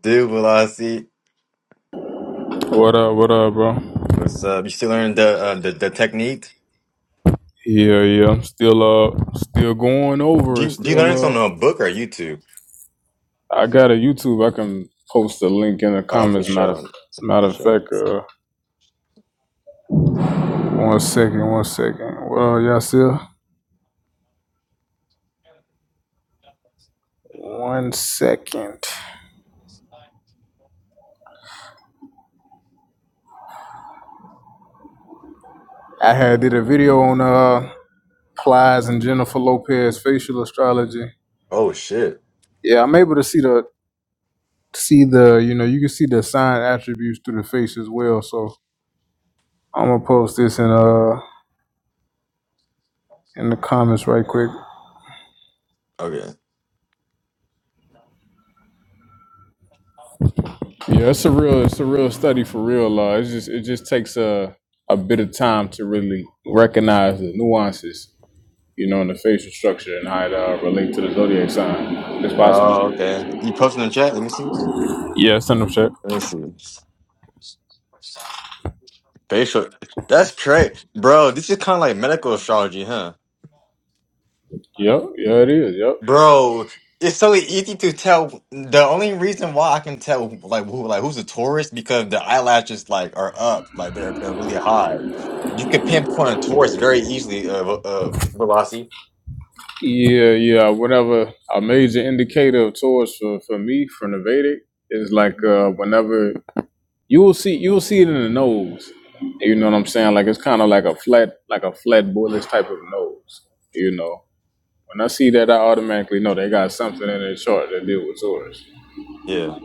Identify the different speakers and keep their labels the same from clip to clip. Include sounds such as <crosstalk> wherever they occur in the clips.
Speaker 1: Dude, Velocity,
Speaker 2: What up? What up, bro?
Speaker 1: what's up? You still learning the uh, the the technique?
Speaker 2: Yeah, yeah. I'm still uh, still going
Speaker 1: Do
Speaker 2: over it.
Speaker 1: you do you
Speaker 2: Still
Speaker 1: learn this on
Speaker 2: uh,
Speaker 1: a book or YouTube?
Speaker 2: I got a YouTube. I can post a link in the
Speaker 1: Uh, for
Speaker 2: comments. Matter of,
Speaker 1: sure,
Speaker 2: matter
Speaker 1: for
Speaker 2: of
Speaker 1: sure.
Speaker 2: fact, uh, one second, one second. Well, y'all still one second. I had did a video on uh, Plies and Jennifer Lopez facial astrology.
Speaker 1: Oh shit.
Speaker 2: Yeah, I'm able to see the see the you know you can see the sign attributes through the face as well. So I'm gonna post this in uh in the comments right quick.
Speaker 1: Okay.
Speaker 2: Yeah, it's a real it's a real study for real law. It's just it just takes a a bit of time to really recognize the nuances, you know, in the facial structure and how it uh, relate to the zodiac sign. It's
Speaker 1: Oh
Speaker 2: possible.
Speaker 1: okay. You posting in the chat? Let me see.
Speaker 2: Yeah, send them check.
Speaker 1: Let me see. Facial. That's great, bro. This is kind of like medical astrology, huh?
Speaker 2: Yep, yeah, it is. Yep.
Speaker 1: Bro, it's so easy to tell. The only reason why I can tell like who like who's a tourist because the eyelashes like are up, like they're they're really high. You can pinpoint a tourist very easily. Uh, uh Velocity.
Speaker 2: Yeah, yeah. Whatever a major indicator of Taurus for, for me from the Vedic is like uh whenever you will see you will see it in the nose. You know what I'm saying? Like it's kind of like a flat like a flat bullish type of nose. You know. When I see that, I automatically know they got something in their chart that deal with Taurus.
Speaker 1: Yeah.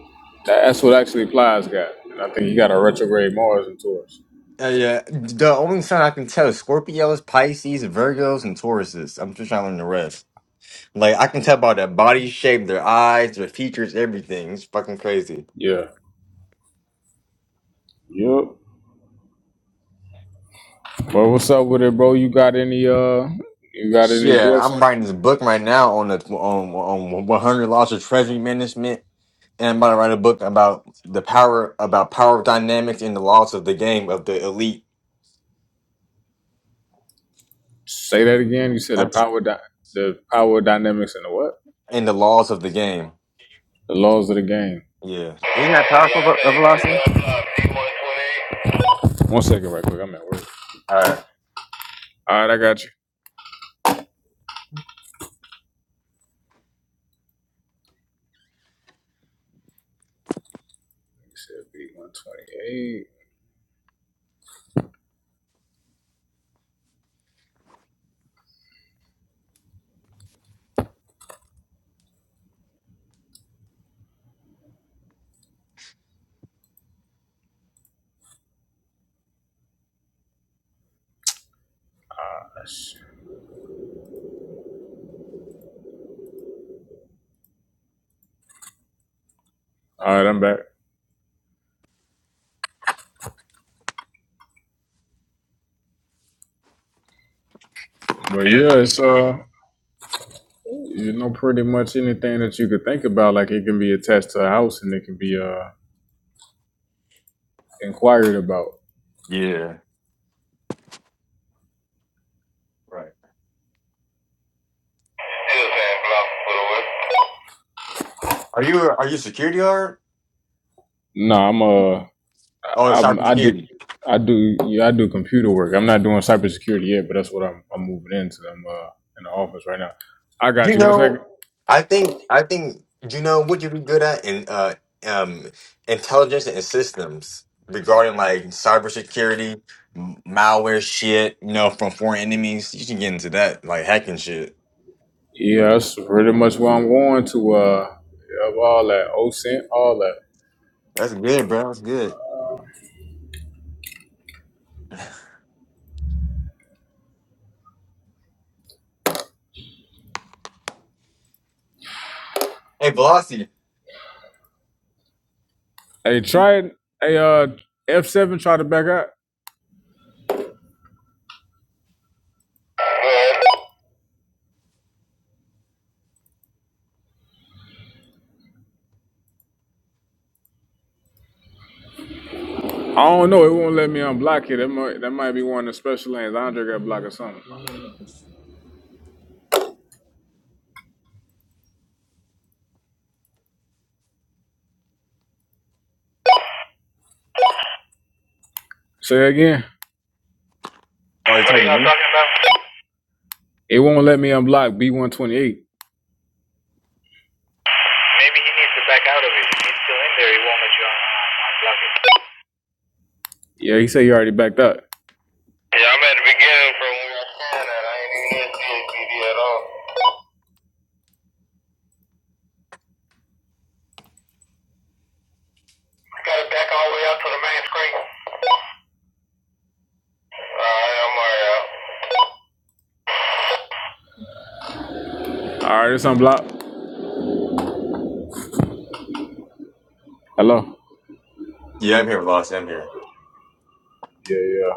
Speaker 2: That's what actually Plies got. And I think he got a retrograde Mars in Taurus.
Speaker 1: Uh, yeah. The only sign I can tell is Scorpios, Pisces, Virgos, and Tauruses. I'm just trying to learn the rest. Like I can tell by their body shape, their eyes, their features, everything. It's fucking crazy.
Speaker 2: Yeah. Yep. Well, what's up with it, bro? You got any uh you got any
Speaker 1: Yeah, I'm
Speaker 2: questions?
Speaker 1: writing this book right now on the on on 100 laws of treasury management and I'm about to write a book about the power about power dynamics and the laws of the game of the elite
Speaker 2: Say that again. You said the
Speaker 1: uh,
Speaker 2: power di- the power dynamics and the what?
Speaker 1: and the laws of the game.
Speaker 2: The laws of the game.
Speaker 1: Yeah, isn't that powerful, Ve- uh, Velocity?
Speaker 2: One second right quick, I'm at work.
Speaker 1: All right.
Speaker 2: Alright, I got you. You said B one twenty eight. Alright, I'm back. But
Speaker 1: Yeah,
Speaker 2: yeah, it's
Speaker 1: so
Speaker 2: uh You know, pretty much anything that you could think about, like it can be attached to a house and it can be uh inquired about.
Speaker 1: Yeah. Right. Are you are you security guard?
Speaker 2: No, I'm uh,
Speaker 1: Oh,
Speaker 2: I'm
Speaker 1: cyber
Speaker 2: I do.
Speaker 1: security.
Speaker 2: I do, yeah, I do computer work. I'm not doing cybersecurity yet, but that's what I'm, I'm moving into. I'm uh, in the office right now. I got
Speaker 1: You
Speaker 2: you. One second.
Speaker 1: know, I think I think you know what you'd be good at in uh um intelligence and systems regarding like cybersecurity, m- malware shit, you know, from foreign enemies. You should get into that, like hacking shit.
Speaker 2: Yeah, that's pretty much where I'm going to. Uh, yeah, all that, OSINT, all that.
Speaker 1: That's good, bro. That's good. Hey, Velocity.
Speaker 2: Hey, try it. Hey, uh, F7, try to back out. I don't know. It won't let me unblock it. That might that might be one of the special lanes. Andre got blocked
Speaker 1: Oh,
Speaker 2: or something. Say that again.
Speaker 1: you
Speaker 2: What are
Speaker 1: talking to
Speaker 2: y'all
Speaker 1: me?
Speaker 2: talking about? It won't let me unblock B one twenty eight. Maybe he needs to back out of it. If he's still in there, he won't let you un- unblock it. Yeah, he said you already backed up. Yeah, I'm at the beginning from where I'm standing at. I ain't even in THPD at all. I got it back all the way out to the main screen. Alright, I'm alright out. All right, it's unblocked. Hello.
Speaker 1: Yeah, I'm here, Velocity. I'm here.
Speaker 2: Yeah, yeah.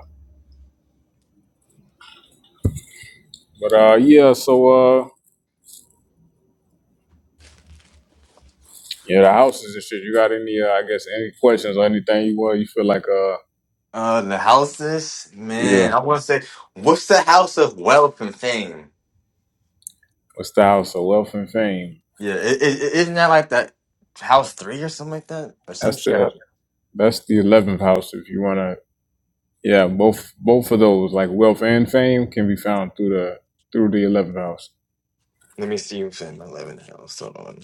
Speaker 2: But uh, yeah. So uh, Yeah, the houses and shit. You got any? Uh, I guess any questions or anything you want? You feel like uh,
Speaker 1: Uh, the houses, man.
Speaker 2: yeah,
Speaker 1: I want to say, what's the house of wealth and fame?
Speaker 2: what's the house of wealth and fame?
Speaker 1: Yeah, it, it, it- isn't that like that house three or something like that or some
Speaker 2: That's
Speaker 1: shit?
Speaker 2: the
Speaker 1: happened?
Speaker 2: that's the eleventh house. If you wanna, yeah, both both of those like wealth and fame can be found through the through the eleventh house.
Speaker 1: Let me see what's in my eleventh house. Hold on.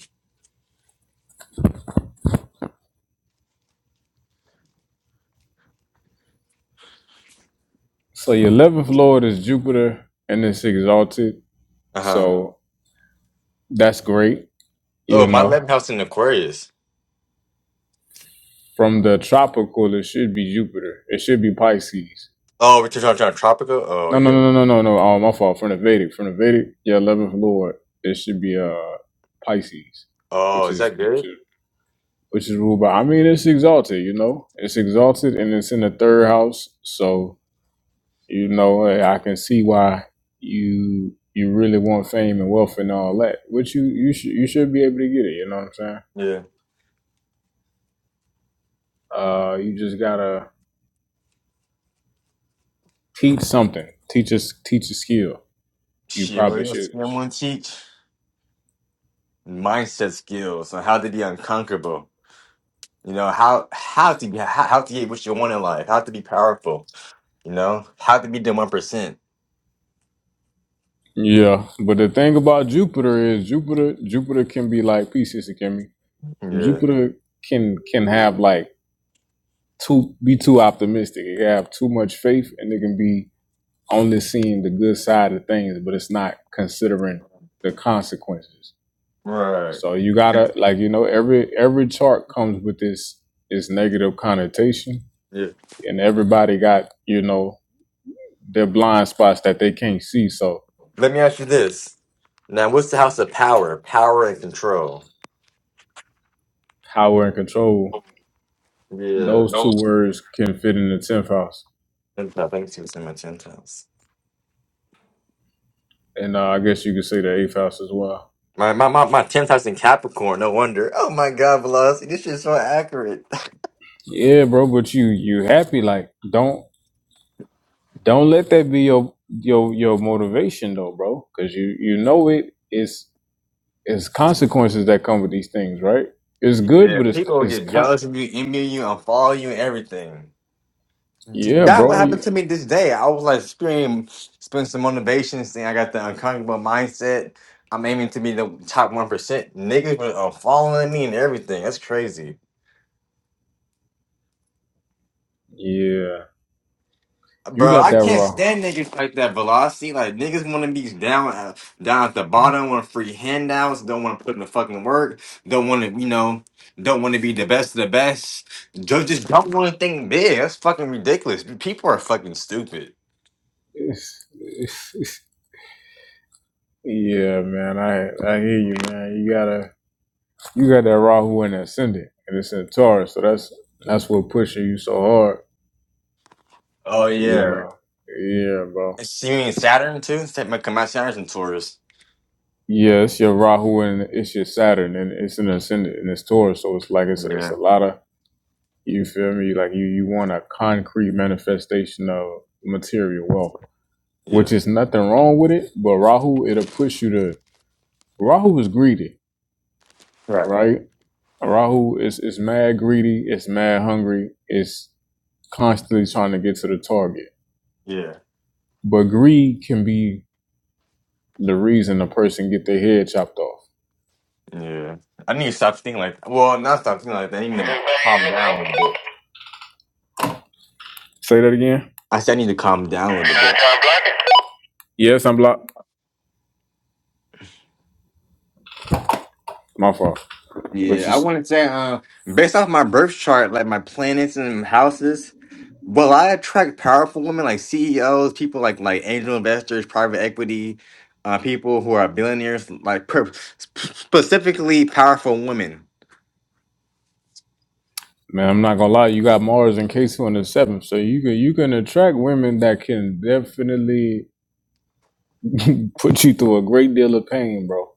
Speaker 2: So your eleventh lord is Jupiter, and it's exalted.
Speaker 1: Uh huh.
Speaker 2: So that's great. You
Speaker 1: Oh, my
Speaker 2: know,
Speaker 1: eleventh house in Aquarius.
Speaker 2: from the tropical, it should be Jupiter. It should be Pisces.
Speaker 1: Oh, we're talking about tropical. Oh
Speaker 2: No, no,
Speaker 1: yeah.
Speaker 2: no, no, no, no, no. Oh, my fault. From the Vedic, from the Vedic, yeah, eleventh lord, it should be uh Pisces,
Speaker 1: Oh,
Speaker 2: which
Speaker 1: is
Speaker 2: is
Speaker 1: that
Speaker 2: which
Speaker 1: good?
Speaker 2: is which is ruled by. I mean, it's exalted, you know, it's exalted, and it's in the third house, so you know, eh, I can see why you you really want fame and wealth and all that, which you you should you should be able to get it. You know what I'm saying?
Speaker 1: Yeah.
Speaker 2: Uh, you just gotta teach something. Teach us teach a skill. You
Speaker 1: Shit, what
Speaker 2: probably
Speaker 1: else
Speaker 2: should.
Speaker 1: do I want to teach? Mindset skills on how to be unconquerable. You know how how to be how, how to get what you want in life. How to be powerful. You know how to be the one percent.
Speaker 2: Yeah, but the thing about Jupiter is Jupiter Jupiter can be like peace, Sister Kimmy.
Speaker 1: Yeah.
Speaker 2: Jupiter can can have like too be too optimistic. It can have too much faith and it can be only seeing the good side of things, but it's not considering the consequences.
Speaker 1: Right.
Speaker 2: So you gotta like you know, every every chart comes with this this negative connotation
Speaker 1: Yeah.
Speaker 2: and everybody got, you know, their blind spots that they can't see. So
Speaker 1: Let me ask you this. Now, what's the house of power? Power and control.
Speaker 2: power and control
Speaker 1: Yeah. No,
Speaker 2: Those two words can fit in the tenth house,
Speaker 1: Gentile. Thanks for saying my Gentiles.
Speaker 2: and uh, I guess you could say the eighth house as well.
Speaker 1: My my my my tenth house in Capricorn. No wonder. Oh my God, Velocity, this shit's so accurate.
Speaker 2: Yeah, bro. But you you happy? Like don't don't let that be your your your motivation though, bro. Because you you know it is it's consequences that come with these things, right? It's good,
Speaker 1: Yeah,
Speaker 2: but it's
Speaker 1: people will
Speaker 2: it's
Speaker 1: get
Speaker 2: con.
Speaker 1: jealous of you, envy you, and follow you, and everything.
Speaker 2: Yeah,
Speaker 1: That what
Speaker 2: bro.
Speaker 1: happened
Speaker 2: you-
Speaker 1: to me this day. I was like, scream, spend some motivation, saying I got the unconquerable mindset. I'm aiming to be the top one percent. Niggas were uh, following me and everything. That's crazy.
Speaker 2: yeah, you
Speaker 1: Bro,
Speaker 2: got
Speaker 1: I
Speaker 2: that
Speaker 1: can't
Speaker 2: raw.
Speaker 1: stand niggas like that velocity. Like niggas want to be down, uh, down at the bottom, want free handouts, don't want to put in the fucking work, don't want to, you know, don't want to be the best of the best. Just, just don't want to think big. That's fucking ridiculous. People are fucking stupid.
Speaker 2: It's, it's, <laughs> yeah, man. I I hear you, man. You gotta. you got that Rahu in the ascendant, and it's in Taurus, so that's that's what pushing you so hard,
Speaker 1: Oh
Speaker 2: you
Speaker 1: yeah,
Speaker 2: know. Yeah, bro.
Speaker 1: It's- you mean Saturn too? Sa- my- Come out Saturn's in Taurus.
Speaker 2: Yeah, it's your Rahu and it's your Saturn, and it's an ascendant, and it's Taurus, so it's like it's a, it's a
Speaker 1: Yeah,
Speaker 2: lot of you feel me, like you you want a concrete manifestation of material wealth, which
Speaker 1: yeah,
Speaker 2: is nothing wrong with it, but Rahu it'll push you to Rahu is greedy,
Speaker 1: right.
Speaker 2: right? Rahu is is mad greedy, it's mad hungry, it's constantly trying to get to the target
Speaker 1: Yeah,
Speaker 2: But greed can be the reason a person get their head chopped off.
Speaker 1: yeah. I need to stop thinking like. Well, not stop thinking like that. I need to calm down a little bit.
Speaker 2: Say that again.
Speaker 1: I said I need to calm down a little bit.
Speaker 2: Yes, I'm blocked. My fault. But you,
Speaker 1: Yeah, I want to say, uh, based off my birth chart, like my planets and houses, will I attract powerful women like CEOs, people like like angel investors, private equity, uh, people who are billionaires, like per specifically powerful women?
Speaker 2: man, I'm not gonna lie. You got Mars and K2 on the seventh, so you can you can attract women that can definitely <laughs> put you through a great deal of pain, bro.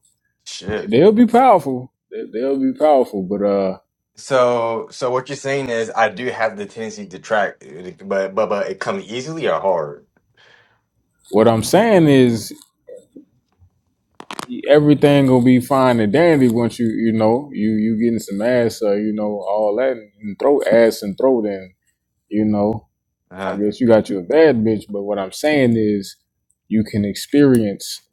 Speaker 1: Shit.
Speaker 2: They'll be powerful. They- They'll be powerful. But uh,
Speaker 1: So, so what you're saying is I do have the tendency to attract, but but but it comes easily or hard?
Speaker 2: what I'm saying is everything gonna be fine and dandy once you you know you you getting some ass uh, you know all that and, throw ass and throat and you know I
Speaker 1: Uh,
Speaker 2: guess you got you a bad bitch but what I'm saying is you can experience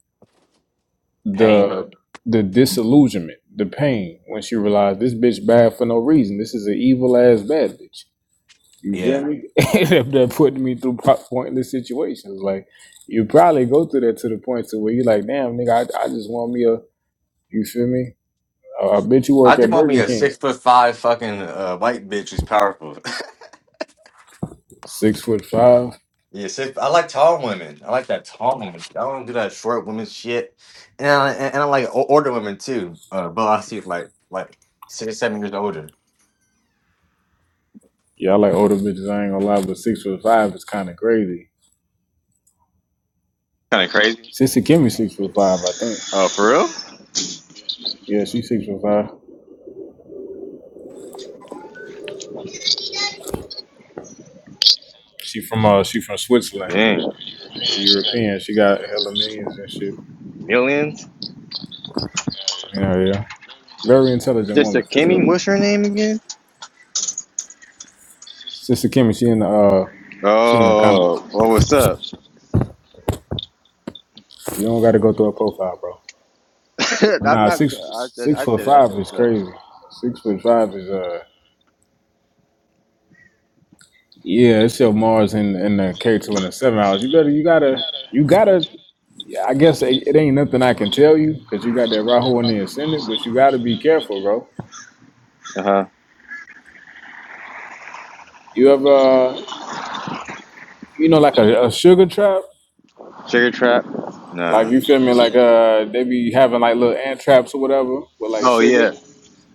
Speaker 1: pain.
Speaker 2: the the disillusionment the pain once you realize this bitch bad for no reason this is an evil ass bad bitch you feel
Speaker 1: Yeah.
Speaker 2: me <laughs> that that putting me through po- pointless situations like you probably go through that to the point to where you're like damn nigga I, I just want me a you feel me I bet you
Speaker 1: I
Speaker 2: work
Speaker 1: just
Speaker 2: at
Speaker 1: want me
Speaker 2: Burger
Speaker 1: a
Speaker 2: King.
Speaker 1: six foot five fucking uh, white bitch who's powerful. <laughs>
Speaker 2: Six foot five.
Speaker 1: Yeah, see, I like tall women. I like that tall woman. shit. I don't do that short women shit. And I, and I like o- older women too. Uh, but I see like like six, seven years older.
Speaker 2: Yeah, I like older bitches. I ain't gonna lie, but six foot five is kind of crazy.
Speaker 1: Kind of crazy.
Speaker 2: Sissy Kimmy six foot five, I think.
Speaker 1: Oh, for real?
Speaker 2: Yeah, she's six foot five. She from uh, she from Switzerland.
Speaker 1: Dang.
Speaker 2: She a European. She got hella millions and shit.
Speaker 1: Millions?
Speaker 2: Yeah, yeah. Very intelligent
Speaker 1: Sister
Speaker 2: woman for
Speaker 1: Kimmy,
Speaker 2: sure.
Speaker 1: what's her name again?
Speaker 2: Sissy Kimmy, she in the uh, she in the comments.
Speaker 1: Oh, well, what's up?
Speaker 2: You don't got to go through her profile, bro.
Speaker 1: <laughs>
Speaker 2: But
Speaker 1: I'm
Speaker 2: nah,
Speaker 1: not.
Speaker 2: six
Speaker 1: I said,
Speaker 2: six
Speaker 1: I
Speaker 2: foot
Speaker 1: said, I said,
Speaker 2: five is
Speaker 1: what's up?
Speaker 2: crazy. Six foot five is uh. Yeah, it's your Mars in in the K two and the seven hours. You better, you gotta, you gotta. I guess it, it ain't nothing I can tell you because you got that Rahu in the ascendant, but you gotta be careful, bro.
Speaker 1: Uh huh.
Speaker 2: You ever, uh, you know, like a, a sugar trap,
Speaker 1: Sugar Trap?
Speaker 2: like
Speaker 1: Nah.
Speaker 2: you feel me? Like uh, they be having like little ant traps or whatever with like
Speaker 1: Oh,
Speaker 2: sugar,
Speaker 1: yeah.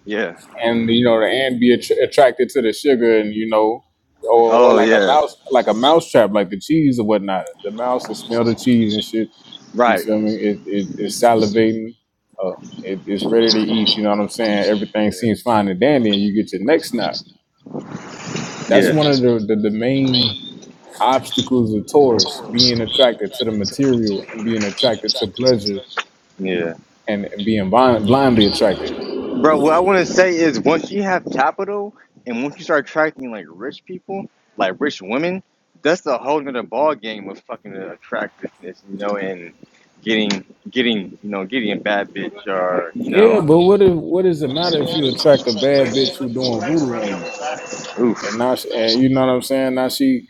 Speaker 1: Yeah.
Speaker 2: and you know the ant be att- attracted to the sugar, and you know, or or
Speaker 1: Oh,
Speaker 2: like a
Speaker 1: yeah.
Speaker 2: mouse, like a mouse trap, like the cheese or whatnot. The mouse will smell the cheese and shit You
Speaker 1: Right.
Speaker 2: feel me? It, it it's salivating. Uh, it, it's ready to eat. You know what I'm saying? Everything
Speaker 1: Yeah.
Speaker 2: seems fine and dandy, and you get your neck snapped. That's
Speaker 1: Yeah.
Speaker 2: one of the, the the main obstacles of Taurus being attracted to the material and being attracted to pleasure
Speaker 1: Yeah.
Speaker 2: and, and being blind, blindly attracted.
Speaker 1: Bro, what I want to say is once you have capital and once you start attracting like rich people, like rich women, that's the whole nother ball game of fucking attractiveness, you know, and getting getting you know getting a bad bitch or you
Speaker 2: Yeah,
Speaker 1: know,
Speaker 2: but what if what does it matter if you attract a bad bitch who doing voodoo on you and
Speaker 1: oof.
Speaker 2: now she, and you know what I'm saying? Now she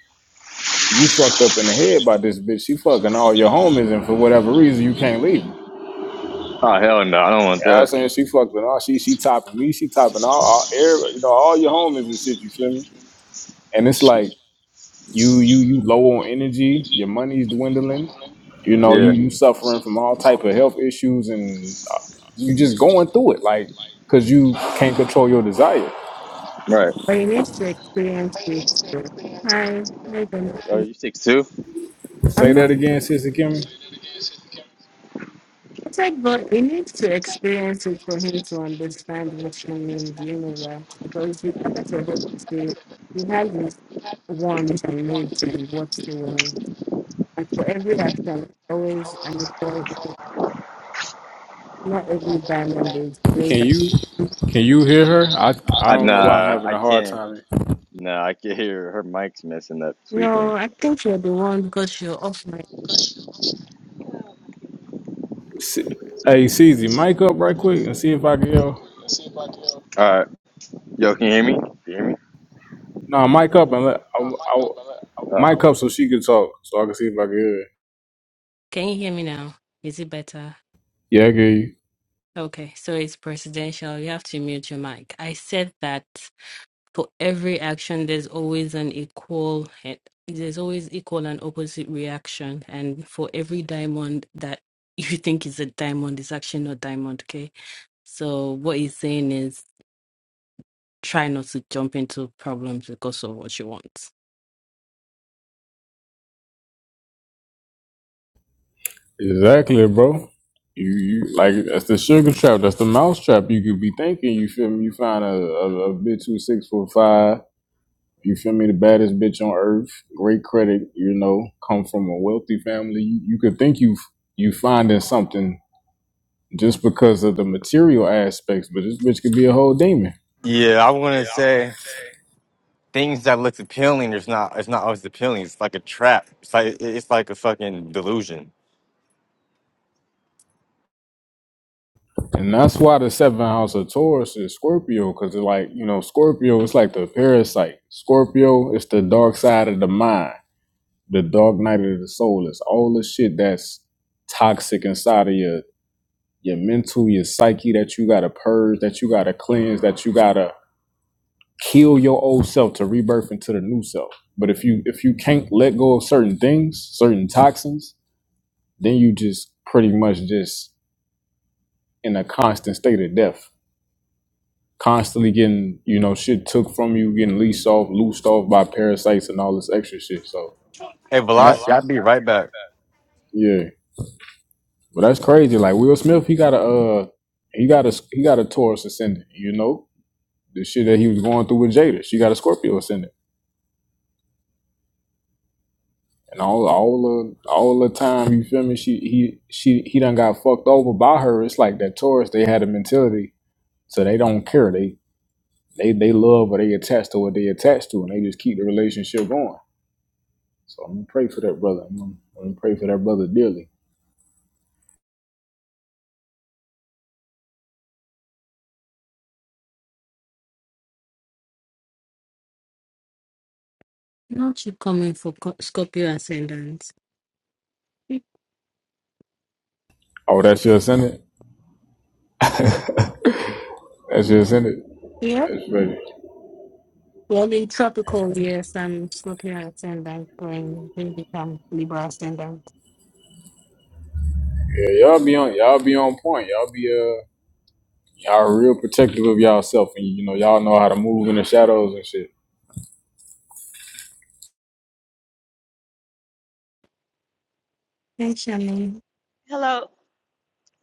Speaker 2: you fucked up in the head by this bitch. She fucking all your homies, and for whatever reason you can't leave.
Speaker 1: Oh hell no, I don't want
Speaker 2: I was
Speaker 1: that.
Speaker 2: saying she fucking all she she topping me, she topping all, all every- you know all your homies and shit. You feel me? And it's
Speaker 1: Shit.
Speaker 2: like you you you low on energy, your money's dwindling. You know you
Speaker 1: Yeah,
Speaker 2: you suffering from all type of health issues, and uh, you just going through it like because you can't control your desire.
Speaker 1: right.
Speaker 3: But you need to experience it. too. Hi, hi,
Speaker 1: Oh,
Speaker 3: Benedict.
Speaker 1: you six two?
Speaker 2: Say
Speaker 3: I'm
Speaker 2: that
Speaker 3: not
Speaker 2: again, Sister Kimmy.
Speaker 3: tech, but you need to experience it for him to understand what you mean, you know that? Because you can't just to say he has his wants and needs and what he wants. And for every action, always and always, not every diamond is
Speaker 2: Can
Speaker 3: played
Speaker 2: you
Speaker 3: out.
Speaker 2: can you hear her? I I
Speaker 1: I,
Speaker 2: don't know why I'm
Speaker 1: nah,
Speaker 2: having
Speaker 1: I
Speaker 2: a hard
Speaker 1: can't.
Speaker 2: time. Here.
Speaker 1: Nah, I can hear her mic's messing up, tweaking.
Speaker 3: No, I think you're the one because you're off mic.
Speaker 2: S- Hey, CZ, mic up right quick and see if I can. Hear.
Speaker 1: All right, yo, can you hear me? Can you hear me?
Speaker 2: No, mic up and let. I, I,
Speaker 1: Uh,
Speaker 2: mic up so she can talk, so I can see if I can hear it.
Speaker 3: Can you hear me now? Is it better?
Speaker 2: Yeah, I hear you.
Speaker 3: Okay, so it's presidential. You have to mute your mic. I said that for every action, there's always an equal, there's always equal and opposite reaction. And for every diamond that <laughs> you think is a diamond, it's actually not diamond, okay? So what he's saying is try not to jump into problems because of what you want.
Speaker 2: Exactly, bro. You, you like that's the sugar trap. That's the mouse trap. You could be thinking. You feel me? You find a, a, a bitch who's six foot five. You feel me? The baddest bitch on earth. Great credit. You know, come from a wealthy family. You, you could think you you finding something just because of the material aspects, but this bitch could be a whole demon.
Speaker 1: Yeah, I want to say things that look appealing. It's not. It's not always appealing. It's like a trap. It's like it's like a fucking delusion.
Speaker 2: And that's why the seventh house of Taurus is Scorpio, because it's like, you know, Scorpio is like the parasite. Scorpio is the dark side of the mind, the dark night of the soul. It's all the shit that's toxic inside of your your mental, your psyche that you gotta purge, that you gotta cleanse, that you gotta kill your old self to rebirth into the new self. But if you if you can't let go of certain things, certain toxins, then you just pretty much just in a constant state of death constantly getting, you know, shit took from you, getting leased off, loosed off by parasites and all this extra shit. So
Speaker 1: Hey,
Speaker 2: and that
Speaker 1: Velocity, I'll be right back.
Speaker 2: yeah. But that's crazy. Like Will Smith, he got a uh he got a he got a Taurus ascendant, you know? The shit that he was going through with Jada. She got a Scorpio ascendant. And all all the all the time, you feel me, she he she he done got fucked over by her. It's like that Taurus, they had a mentality, so they don't care. They they they love or they attached to what they attached to and they just keep the relationship going. So I'm gonna pray for that brother. I'm gonna, I'm gonna pray for that brother dearly.
Speaker 3: Not you coming for co- Scorpio ascendant.
Speaker 2: Oh, that's your Senate. <laughs> that's your Senate.
Speaker 3: Yeah.
Speaker 2: That's ready.
Speaker 3: Well, in tropical, yes, I'm Scorpio ascendant, going, then become Libra ascendant.
Speaker 2: Yeah, y'all be on y'all be on point. Y'all be uh y'all real protective of y'allself, and you know y'all know how to move in the shadows and shit.
Speaker 3: Hey, Shani.
Speaker 4: Hello,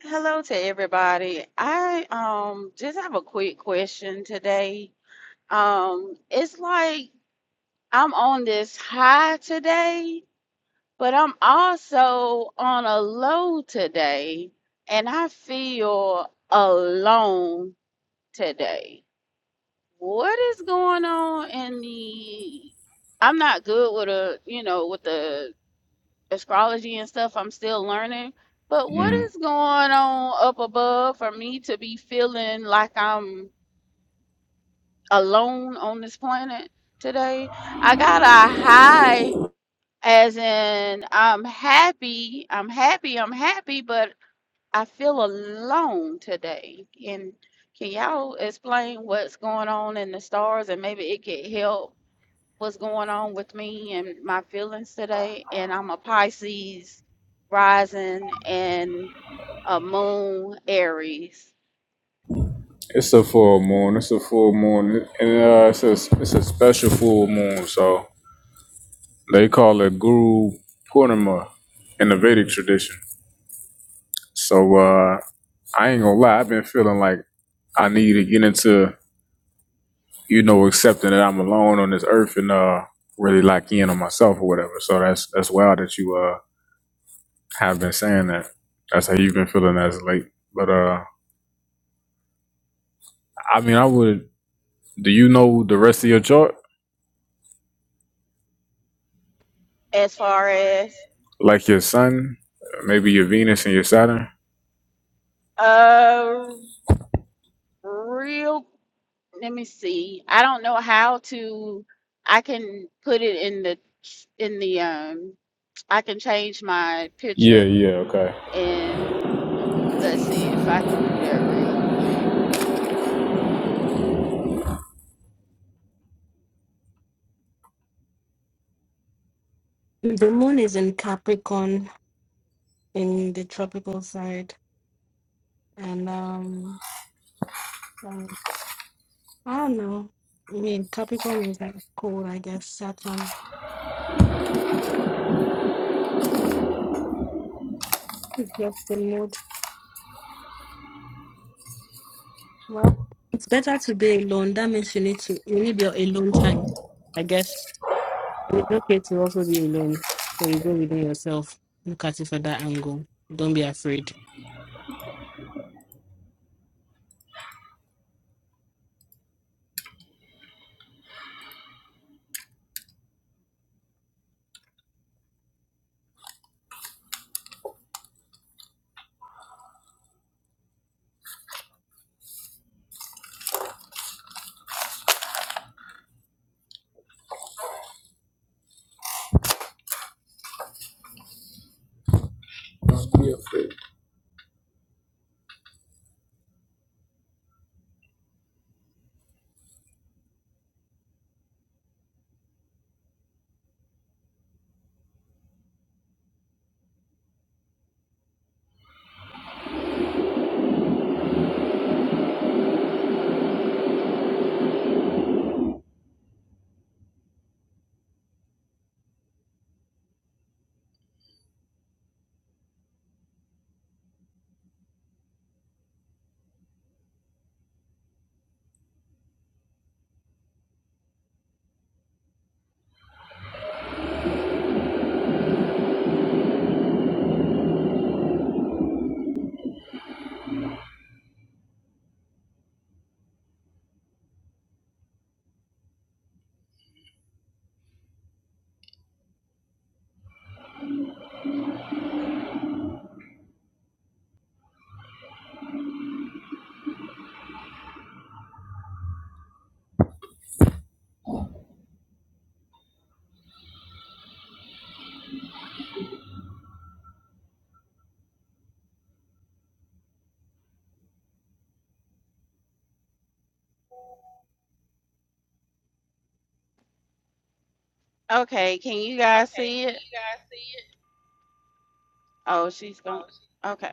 Speaker 4: hello to everybody. I um just have a quick question today. Um, it's like I'm on this high today, but I'm also on a low today, and I feel alone today. What is going on in the I'm not good with a, you know, with the astrology and stuff I'm still learning. But what
Speaker 2: Mhm.
Speaker 4: is going on up above for me to be feeling like I'm alone on this planet today? I got a high as in I'm happy, I'm happy, I'm happy, but I feel alone today. And can y'all explain what's going on in the stars and maybe it could help what's going on with me and my feelings today. And I'm a Pisces rising and a moon Aries.
Speaker 2: It's a full moon. It's a full moon, and uh, it's a it's a special full moon. So they call it Guru Purnima in the Vedic tradition. So uh, I ain't gonna lie, I've been feeling like I need to get into. you know, accepting that I'm alone on this earth and uh really lock in on myself or whatever. So that's that's wild that you uh have been saying that. That's how you've been feeling as of late. But uh I mean I would do you know the rest of your chart?
Speaker 4: As far as
Speaker 2: Like your sun, maybe your Venus and your Saturn?
Speaker 4: uh real let me see. I don't know how to I can put it in the in the um I can change my
Speaker 2: Yeah,
Speaker 4: picture
Speaker 2: yeah, okay.
Speaker 4: and let's see if I can do that real quick.
Speaker 3: The moon is in Capricorn in the tropical side, and um, um, I don't know. I mean, Capricorn is like cold, I guess. Saturn is just the mood. Well, it's better to be alone. That means you need to you need your alone time, I guess. And It's okay to also be alone, so you go within yourself. Look at it from that angle. Don't be afraid.
Speaker 4: Okay, can you guys see it? Oh, she's going. Okay.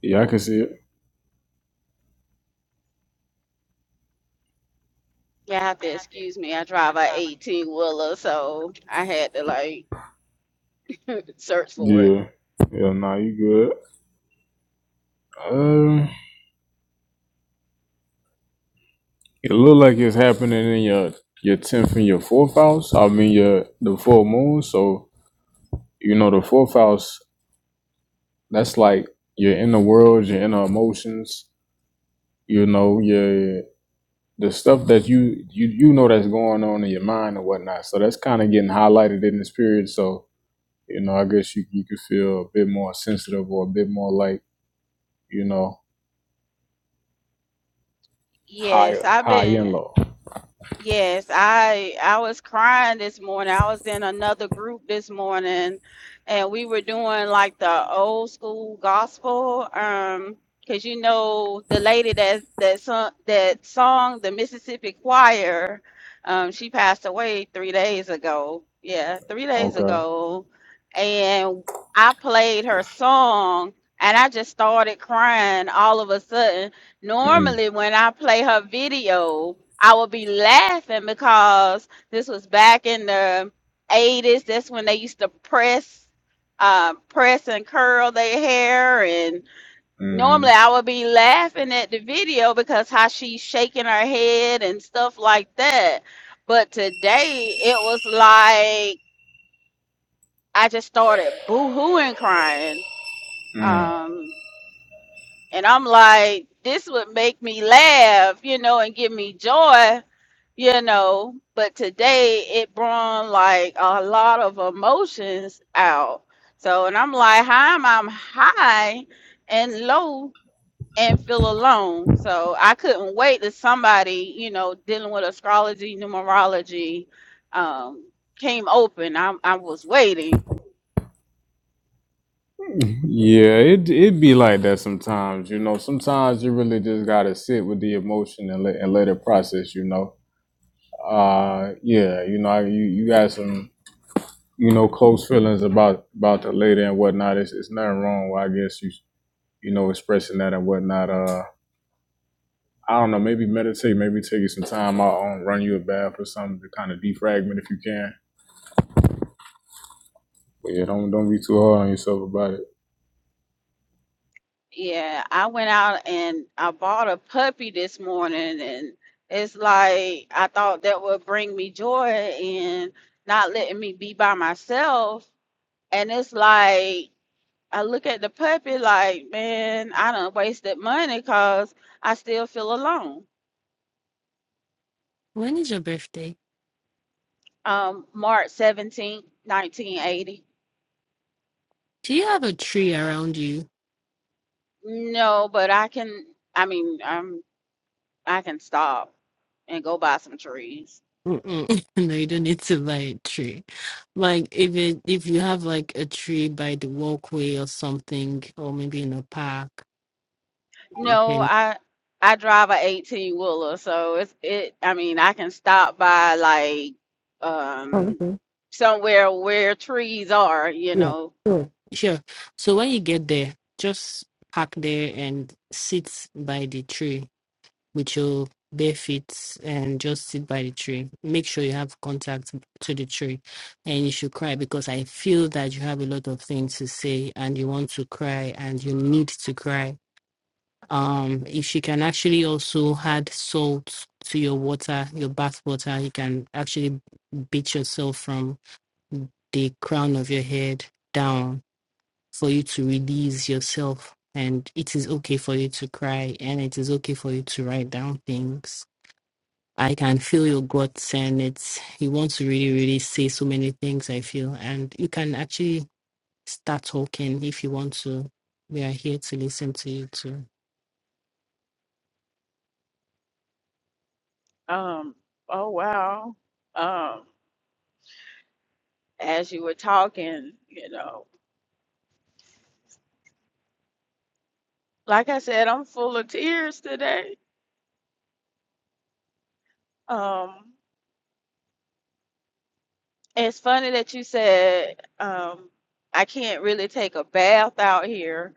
Speaker 2: Yeah, I can see it.
Speaker 4: Yeah, I have to excuse me. I drive a 18 wheeler, so I had to like search for it.
Speaker 2: Yeah. Yeah, nah, you good. Um it look like it's happening in your your tenth and your fourth house. I mean your the full moon, so you know the fourth house that's like you're in the world, you your inner emotions, you know, your the stuff that you you you know that's going on in your mind and whatnot. So that's kind of getting highlighted in this period. So you know, I guess you you could feel a bit more sensitive or a bit more like you know
Speaker 4: Yes,
Speaker 2: higher,
Speaker 4: I've
Speaker 2: high
Speaker 4: been.
Speaker 2: and low.
Speaker 4: Yes, I I was crying this morning. I was in another group this morning and we were doing like the old school gospel um cuz you know the lady that that sung that song the Mississippi Choir um she passed away 3 days ago. Yeah, 3 days
Speaker 2: Okay.
Speaker 4: ago. And I played her song and I just started crying all of a sudden
Speaker 2: Mm.
Speaker 4: normally when I play her video, I will be laughing because this was back in the 80s. That's when they used to press uh, press and curl their hair and normally
Speaker 2: Mm.
Speaker 4: I would be laughing at the video because how she's shaking her head and stuff like that. But today it was like I just started boo-hooing crying.
Speaker 2: Mm.
Speaker 4: Um And I'm like, this would make me laugh, you know, and give me joy, you know. But today it brought like a lot of emotions out. So, and I'm like, how am i high and low and feel alone. So I couldn't wait to somebody, you know, dealing with astrology, numerology, um, came open. I, I was waiting.
Speaker 2: Yeah, it it be like that sometimes. You know, sometimes you really just gotta sit with the emotion and let and let it process. You know, uh, yeah, you know, you you got some you know close feelings about about the lady and whatnot. It's it's nothing wrong. With, I guess you you know expressing that and whatnot. Uh, I don't know. Maybe meditate. Maybe take you some time out on run you a bath or something to kind of defragment if you can. But yeah, don't don't be too hard on yourself about it.
Speaker 4: Yeah, I went out and I bought a puppy this morning, and it's like I thought that would bring me joy and not letting me be by myself. And it's like I look at the puppy like, man, I done wasted money because I still feel alone.
Speaker 3: When is your birthday?
Speaker 4: Um, March 17th, 1980.
Speaker 3: Do you have a tree around you?
Speaker 4: No, but I can, I mean, um, I can stop and go buy some trees.
Speaker 3: Mm-mm. <laughs> No, you don't need to buy a tree. Like if it if you have like a tree by the walkway or something, or maybe in a park, you
Speaker 4: No,
Speaker 3: can.
Speaker 4: I I drive a 18 wheeler, so it's it I mean, I can stop by like
Speaker 3: Oh,
Speaker 4: um
Speaker 3: okay.
Speaker 4: somewhere where trees are, you
Speaker 3: Yeah.
Speaker 4: know.
Speaker 3: Sure. Sure. So when you get there, just park there and sit by the tree with your bare feet and just sit by the tree. Make sure you have contact to the tree, and you should cry because I feel that you have a lot of things to say and you want to cry and you need to cry Um, if you can actually also add salt to your water, your bath water, you can actually beat yourself from the crown of your head down for you to release yourself. And it is okay for you to cry, and it is okay for you to write down things. I can feel your guts, and it's you want to really, really say so many things. I feel, and you can actually start talking if you want to. We are here to listen to you too.
Speaker 4: Um oh wow. Um as you were talking, you know. Like I said, I'm full of tears today. Um It's funny that you said um, I can't really take a bath out here,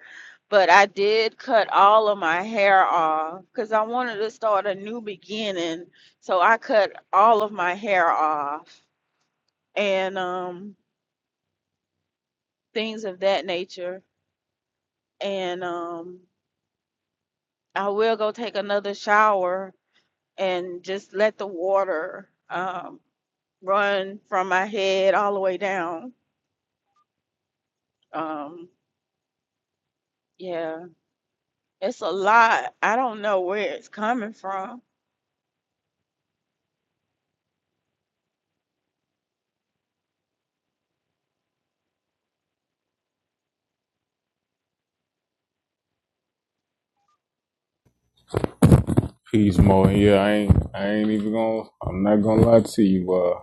Speaker 4: but I did cut all of my hair off because I wanted to start a new beginning. So I cut all of my hair off and um, things of that nature. And um, I will go take another shower and just let the water um, run from my head all the way down. Um, yeah. It's a lot. I don't know where it's coming from.
Speaker 2: Peace, Mo. Yeah, I ain't I ain't even gonna. I'm not gonna lie to you. Uh.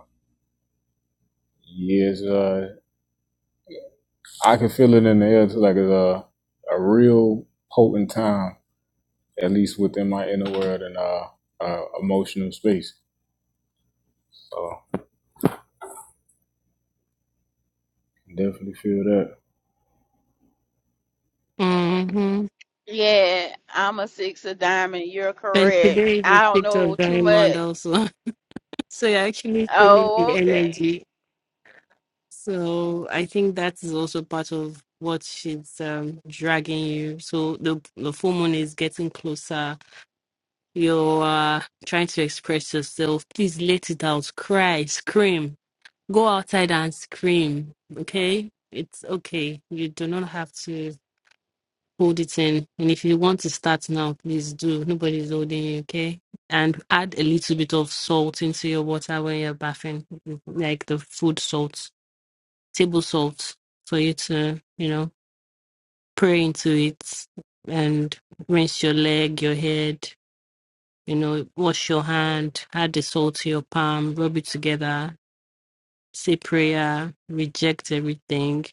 Speaker 2: Yes, uh, I can feel it in the air. It's like it's a a real potent time, at least within my inner world and uh, uh emotional space. So definitely feel that.
Speaker 4: Yeah, I'm a six of diamond. You're
Speaker 3: And
Speaker 4: correct.
Speaker 3: today
Speaker 4: I
Speaker 3: is
Speaker 4: don't
Speaker 3: the 6th
Speaker 4: know
Speaker 3: of
Speaker 4: too
Speaker 3: Diamond
Speaker 4: much.
Speaker 3: also. <laughs> So you're actually feeling
Speaker 4: Oh,
Speaker 3: the
Speaker 4: okay.
Speaker 3: energy. So I think that is also part of what she's um, dragging you. So the the full moon is getting closer. You're uh, trying to express yourself. Please let it out. Cry, scream. Go outside and scream. Okay? It's okay. You do not have to. hold it in. And if you want to start now, please do. Nobody's holding you, okay? And add a little bit of salt into your water when you're bathing, like the food salt, table salt, for you to, you know, pray into it and rinse your leg, your head, you know, wash your hand, add the salt to your palm, rub it together, say prayer, reject everything,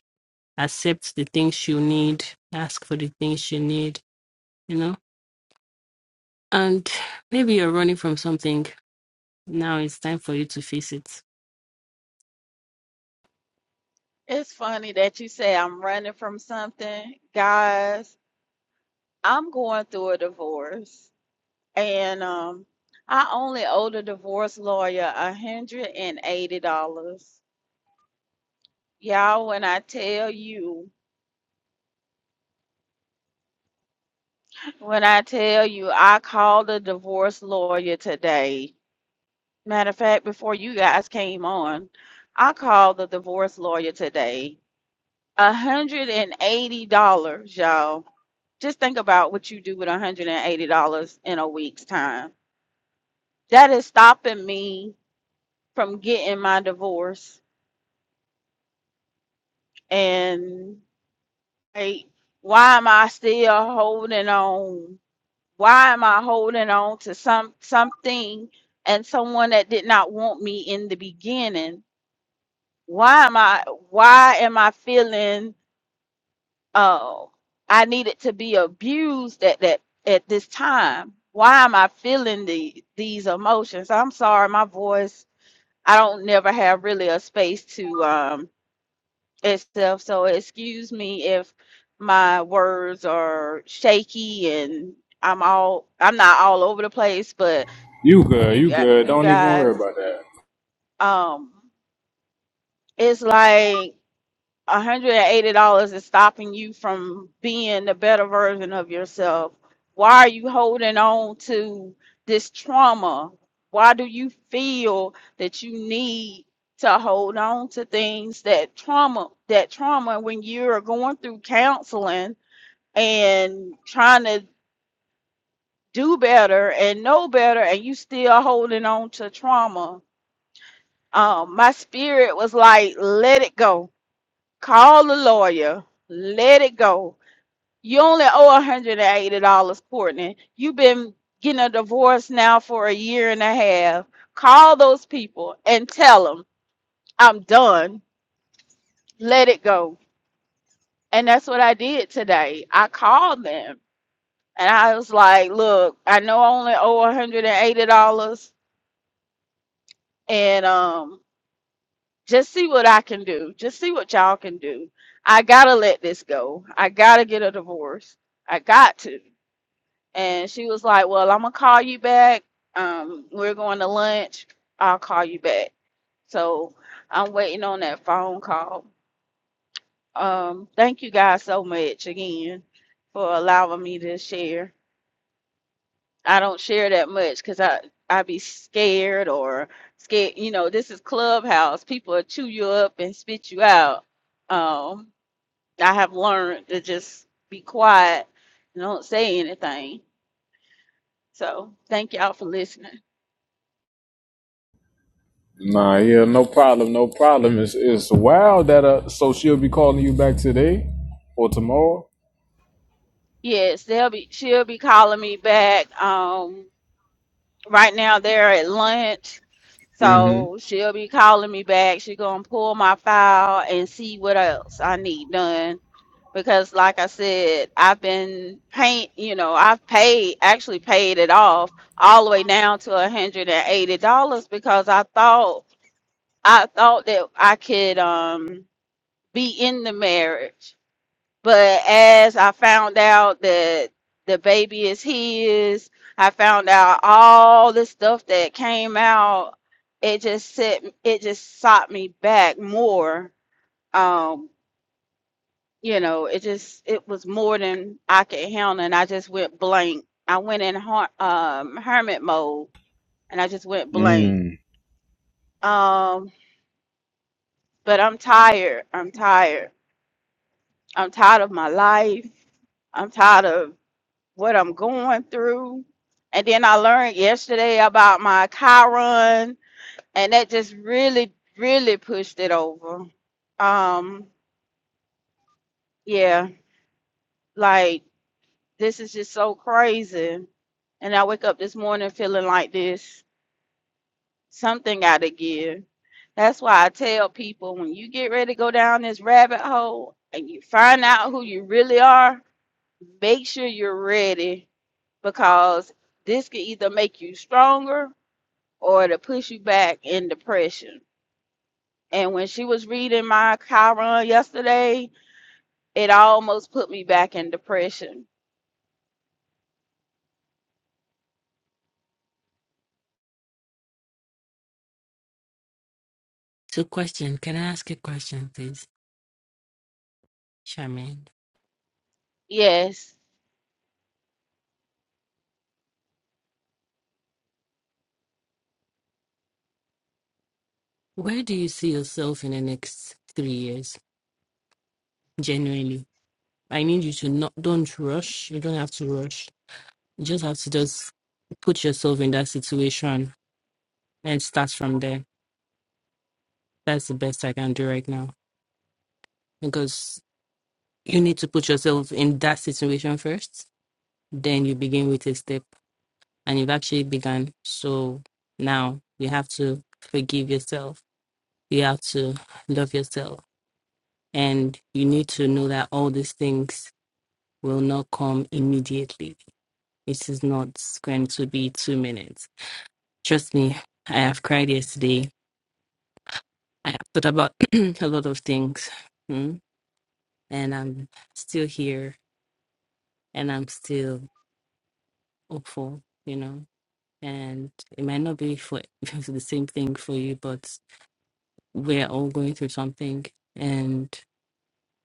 Speaker 3: accept the things you need, ask for the things you need, You know. And maybe you're running from something. Now it's time for you to face it.
Speaker 4: It's funny that you say I'm running from something. Guys, I'm going through a divorce. And um I only owe the divorce lawyer a hundred and eighty dollars. Y'all, when I tell you, when I tell you I called the divorce lawyer today. Matter of fact, before you guys came on, I called the divorce lawyer today. $180, y'all. Just think about what you do with $180 in a week's time. That is stopping me from getting my divorce. And hey, why am I still holding on? Why am I holding on to some something and someone that did not want me in the beginning? why am I why am I feeling uh, I needed to be abused at that at this time? Why am I feeling the these emotions? I'm sorry, my voice. I don't never have really a space to um itself. So excuse me if my words are shaky and I'm all I'm not all over the place, but
Speaker 2: You good?
Speaker 4: you
Speaker 2: You
Speaker 4: got
Speaker 2: good?
Speaker 4: you
Speaker 2: Don't even worry
Speaker 4: guys
Speaker 2: about that.
Speaker 4: um it's like $180 is stopping you from being the better version of yourself? Why are you holding on to this trauma? Why do you feel that you need to hold on to things that trauma, that trauma when you're going through counseling and trying to do better and know better and you still holding on to trauma? Um, my spirit was like, let it go. Call the lawyer. Let it go You only owe $180, Courtney. You've been getting a divorce now for a year and a half. Call those people and tell them, I'm done. Let it go. And that's what I did today. I called them and I was like, look, I know I only owe $180 and eighty dollars, and um just see what I can do. Just see what y'all can do. I gotta let this go. I gotta get a divorce. I got to. and she was like, "Well, I'm gonna call you back. Um, we're going to lunch. I'll call you back." So I'm waiting on that phone call. Um, thank you guys so much again for allowing me to share. I don't share that much because I I be scared or scared. You know, this is Clubhouse. People will chew you up and spit you out. Um, I have learned to just be quiet and don't say anything. So thank y'all for listening.
Speaker 2: Nah, yeah, no problem, no problem. It's it's wild that uh, so she'll be calling you back today or tomorrow.
Speaker 4: Yes, they'll be she'll be calling me back. Um, right now they're at lunch, so
Speaker 2: Mm-hmm.
Speaker 4: she'll be calling me back. She's gonna pull my file and see what else I need done. Because like I said, I've been paint, you know, I've paid actually paid it off all the way down to a hundred and eighty dollars because I thought I thought that I could um be in the marriage. But as I found out that the baby is his, I found out all the stuff that came out. It just set, it just sought me back more. Um, you know, it just it was more than I could handle, and I just went blank. I went in har- um, hermit mode, and I just went blank.
Speaker 2: Mm.
Speaker 4: Um, but I'm tired. I'm tired. I'm tired of my life. I'm tired of what I'm going through. And then I learned yesterday about my Chiron, and that just really, really pushed it over. Um, yeah, like this is just so crazy. And I wake up this morning feeling like this. Something gotta give. That's why I tell people when you get ready to go down this rabbit hole and you find out who you really are, make sure you're ready because this can either make you stronger or to push you back in depression. And when she was reading my Chiron yesterday, it almost put me back in depression.
Speaker 3: So please shine.
Speaker 4: Yes,
Speaker 3: Where this three years, genuinely. I need you to not don't rush. You don't have to rush. You just have to just put yourself in that situation and start from there. That's the best I can do right now. Because you need to put yourself in that situation first. Then you begin with a step. And you've actually begun. So now you have to forgive yourself. You have to love yourself And you need to know that all these things will not come immediately. It is not going to be two minutes. Trust me, I have cried yesterday. I have thought about <clears throat> a lot of things. mm, And I'm still here and I'm still hopeful, you know. And it might not be for <laughs> the same thing for you, but we're all going through something. and.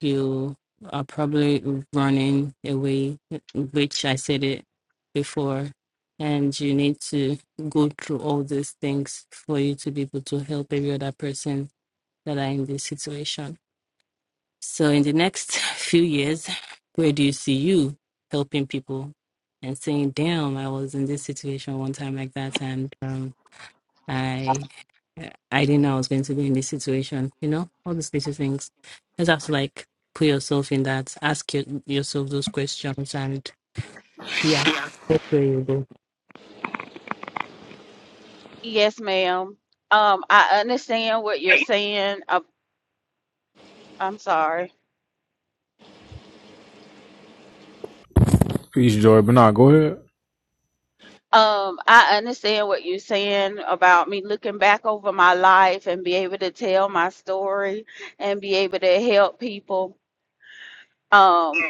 Speaker 3: you are probably running away, which I said it before. And you need to go through all these things for you to be able to help every other person that are in this situation. So, in the next <laughs> few years, where do you see you helping people and saying, Damn, I was in this situation one time like that, and um, I eh, I didn't know I was going to be in this situation. You know, all these little things. Just have to like put yourself in that, ask you, yourself those questions, and yeah, that's where you go.
Speaker 4: yes, ma'am. Um, I understand what you're saying. Uh, I'm sorry.
Speaker 2: Peace, joy. But nah, go ahead.
Speaker 4: Um, I understand what you're saying about me looking back over my life and be able to tell my story and be able to help people.
Speaker 5: Amen.
Speaker 4: Um,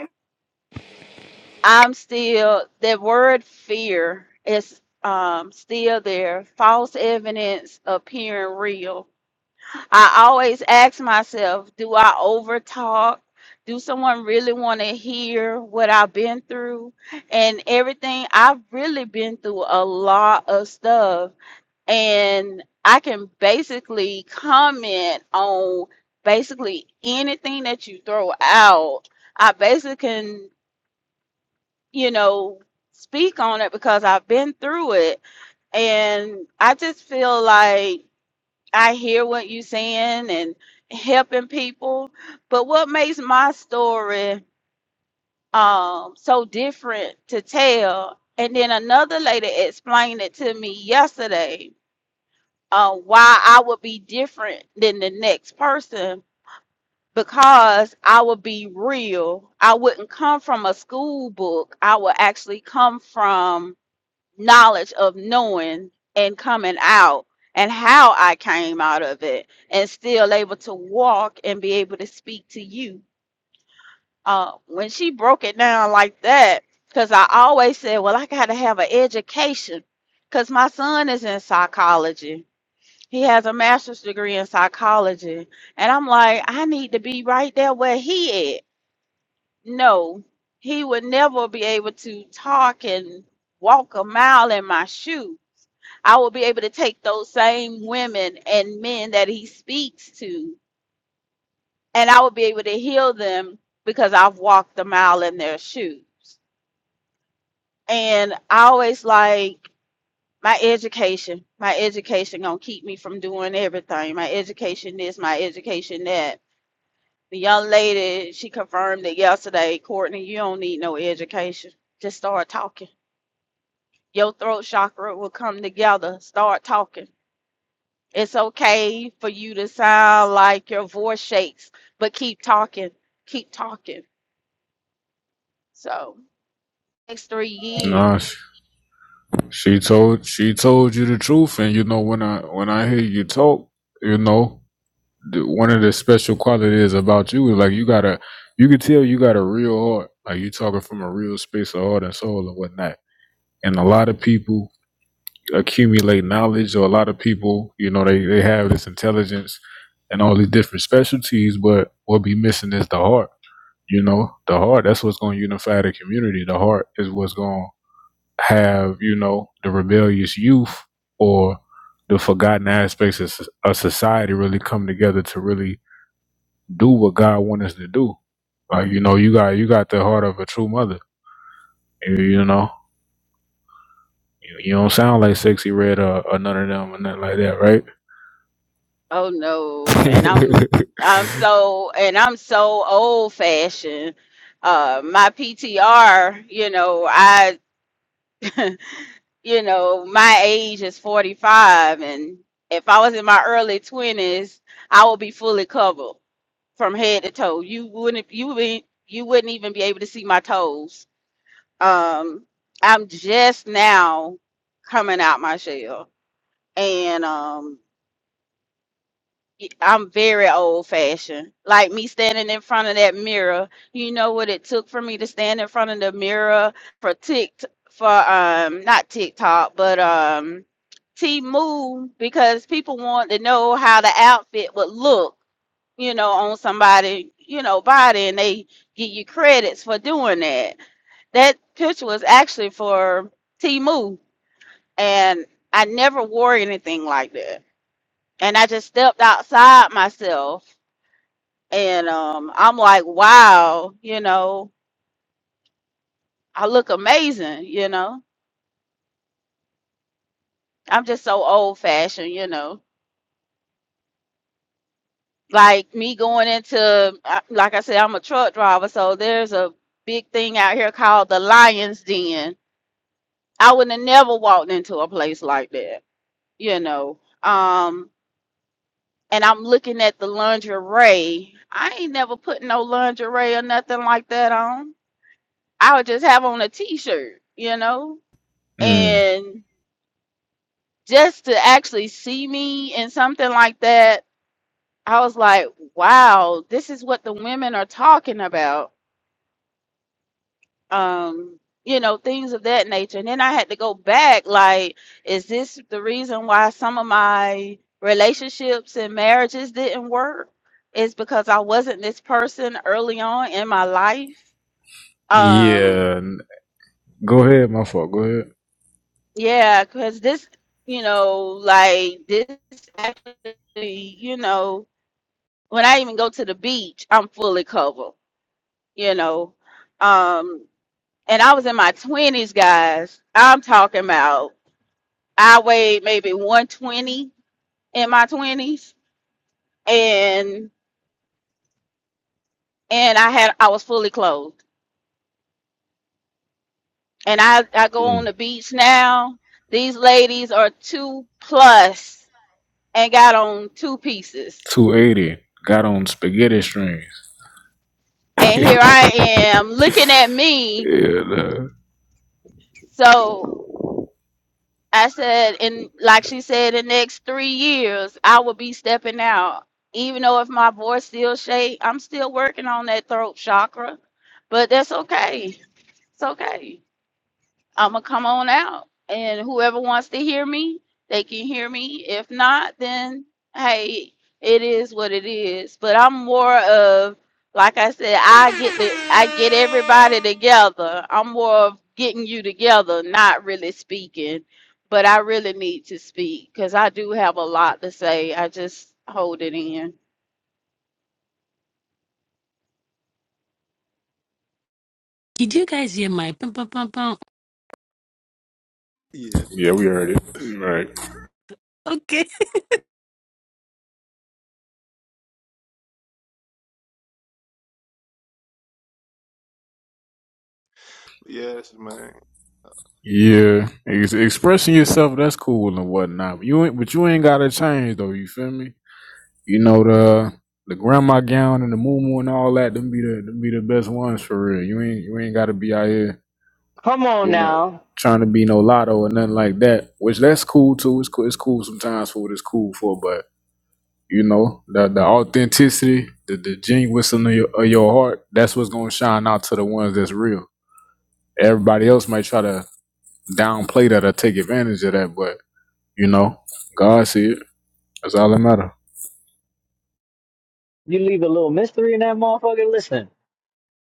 Speaker 4: I'm still, that word fear is um, still there. False evidence appearing real. I always ask myself, do I over talk? Do someone really want to hear what I've been through? And everything, I've really been through a lot of stuff. And I can basically comment on basically anything that you throw out. I basically can you know, speak on it because I've been through it. And I just feel like I hear what you're saying and helping people. But what makes my story um, so different to tell? And then another lady explained it to me yesterday uh, why I would be different than the next person because I would be real. I wouldn't come from a school book. I would actually come from knowledge of knowing and coming out and how I came out of it and still able to walk and be able to speak to you. Uh, when she broke it down like that, because I always said, well, I got to have an education because my son is in psychology. He has a master's degree in psychology. And I'm like, I need to be right there where he at. No, he would never be able to talk and walk a mile in my shoes I will be able to take those same women and men that he speaks to, and I will be able to heal them because I've walked a mile in their shoes. And I always like my education. My education gonna keep me from doing everything. My education this, my education that. The young lady, she confirmed it yesterday, Courtney, you don't need no education. Just start talking. Your throat chakra will come together. Start talking It's okay for you to sound like your voice shakes, but keep talking, keep talking. So next three years.
Speaker 2: Nah, she, she told she told you the truth, and you know when I when I hear you talk, you know the, one of the special qualities about you is like you got a you can tell you got a real heart, like you talking from a real space of heart and soul and whatnot. And a lot of people accumulate knowledge. or a lot of people, you know, they, they have this intelligence and all these different specialties, but what be missing is the heart. You know, the heart, that's what's gonna unify the community. The heart is what's gonna have, you know, the rebellious youth or the forgotten aspects of a society really come together to really do what God wants us to do. Like, you know, you got you got the heart of a true mother. You, you know. You, you don't sound like sexy red or, or none of them or nothing like that, right?
Speaker 4: Oh no, and I'm
Speaker 2: <laughs>
Speaker 4: I'm so and I'm so old fashioned. Uh, my PTR, you know, I, <laughs> you know, my age is 45, and if I was in my early 20s, I would be fully covered from head to toe. You wouldn't, you wouldn't, you wouldn't even be able to see my toes Um, I'm just now coming out my shell, and um, y- I'm very old fashioned. Like me standing in front of that mirror, you know what it took for me to stand in front of the mirror for tick for um not TikTok but um T Move because people want to know how the outfit would look you know, on somebody, you know, body and they give you credits for doing that. That picture was actually for Timu and I never wore anything like that. And I just stepped outside myself and um I'm like, wow, you know, I look amazing, you know. I'm just so old fashioned, you know. Like me going into I- like I said, I'm a truck driver, so there's a big thing out here called the Lion's Den I would have never walked into a place like that, you know. Um, and I'm looking at the lingerie. I ain't never put no lingerie or nothing like that on. I would just have on a t-shirt, you know.
Speaker 2: mm.
Speaker 4: And just to actually see me in something like that, I was like, wow, this is what the women are talking about um you know things of that nature and then i had to go back like is this the reason why some of my relationships and marriages didn't work is because i wasn't this person early on in my life um
Speaker 2: Yeah. Go ahead, my fault. Go ahead.
Speaker 4: yeah because this you know like this actually you know when i even go to the beach i'm fully covered you know um and i was in my 20s guys i'm talking about I weighed maybe 120 in my 20s and and I had I was fully clothed. And I I go on the beach now. These ladies are 2 plus and got on two pieces.
Speaker 2: 280. Got on spaghetti strings. <laughs>
Speaker 4: And
Speaker 2: yeah,
Speaker 4: here I am looking at me.
Speaker 2: nah.
Speaker 4: So I said and like she said the next 3 years I will be stepping out. Even though if my voice still shake, I'm still working on that throat chakra. But that's okay. It's okay. I'm gonna come on out, and whoever wants to hear me, they can hear me. If not, then hey, it is what it is. But I'm more of, like I said, I get the, I get everybody together. I'm more of getting you together, not really speaking. But I really need to speak because I do have a lot to say. I just hold it in.
Speaker 3: Did you guys hear my pum pum pum pum?
Speaker 6: Yeah.
Speaker 2: Yeah, we heard it. Right.
Speaker 3: Okay,
Speaker 6: Yes, man.
Speaker 2: Yeah, ex- expressing yourself that's cool and whatnot. But you ain't, but you ain't gotta change though. You feel me? You know the the grandma gown and the moo and all that. Them be the them be the best ones for real. You ain't you ain't gotta be out here.
Speaker 7: Come on
Speaker 2: You know,
Speaker 7: now.
Speaker 2: trying to be no lotto or nothing like that. Which that's cool too. It's cool. It's cool sometimes for what it's cool for. But you know the the authenticity, the the genuineness of your, of your heart. That's what's gonna shine out to the ones that's real. Everybody else might try to downplay that or take advantage of that, but You know, God see it. That's all that matter.
Speaker 7: You leave a little mystery in that motherfucker. Listen,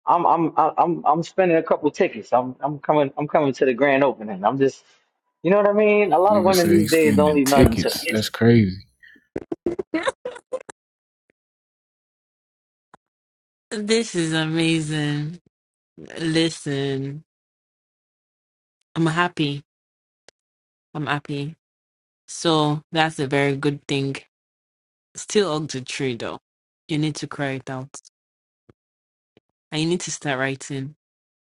Speaker 7: I'm I'm I'm I'm spending a couple tickets. I'm I'm coming I'm coming to the grand opening. I'm just you know what I mean? A lot of
Speaker 2: Nigga
Speaker 7: women
Speaker 2: say
Speaker 7: these
Speaker 2: he's
Speaker 7: days don't
Speaker 2: spending
Speaker 7: leave nothing to
Speaker 2: tickets.
Speaker 7: yes.
Speaker 2: That's crazy.
Speaker 3: <laughs> this is amazing. Listen, I'm happy. I'm happy. So that's a very good thing. Still up to tree though. You need to cry it out. And you need to start writing.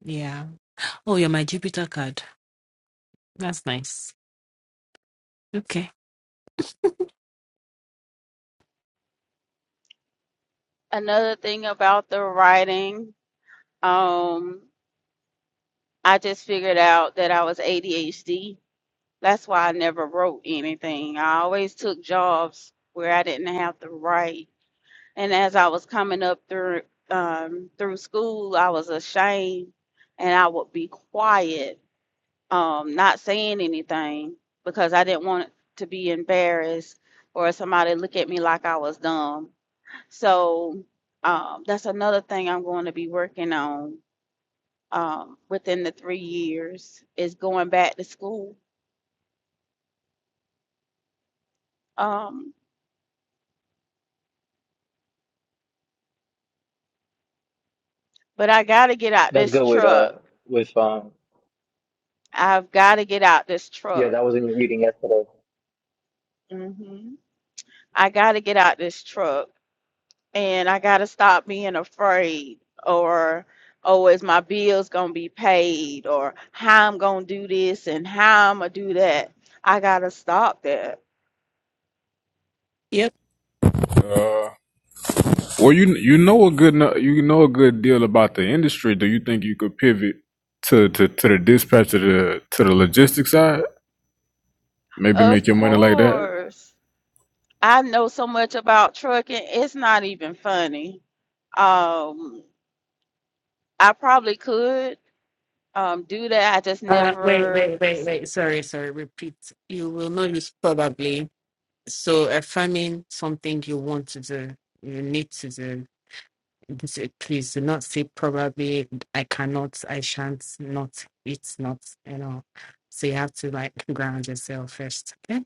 Speaker 3: Yeah. Oh, you're my Jupiter card. That's nice. Okay.
Speaker 4: Another thing about the writing, um, I just figured out that I was ADHD That's why I never wrote anything. I always took jobs where I didn't have to write. And as I was coming up through um, through school, I was ashamed, and I would be quiet, um, not saying anything because I didn't want to be embarrassed or somebody look at me like I was dumb. So um, that's another thing I'm going to be working on um, within the three years is going back to school. Um, But I gotta get out
Speaker 7: That's
Speaker 4: this
Speaker 7: good with uh
Speaker 4: truck.
Speaker 7: with um
Speaker 4: I've gotta get out this
Speaker 7: yeah,
Speaker 4: truck.
Speaker 7: that was in your reading yesterday.
Speaker 4: hmm I gotta get out this truck and I gotta stop being afraid or oh is my bills gonna be paid or how I'm gonna do this and how I'm gonna do that. I gotta stop that.
Speaker 3: Yeah.
Speaker 2: Uh, well, you you know a good no- you know a good deal about the industry. Do you think you could pivot to to, to the dispatch to the to the logistics side? Maybe make
Speaker 4: Of
Speaker 2: your money like that.
Speaker 4: course. I know so much about trucking, it's not even funny. Um, I probably could um do that. I just
Speaker 3: Uh, wait,
Speaker 4: never.
Speaker 3: wait, wait, wait. Sorry, sorry. Repeat. You will not use probably. So affirming something you want to do, you need to do. This- Please do not say probably. I cannot. I shan't. Not. It's not. You know. So you have to like ground yourself first. Okay.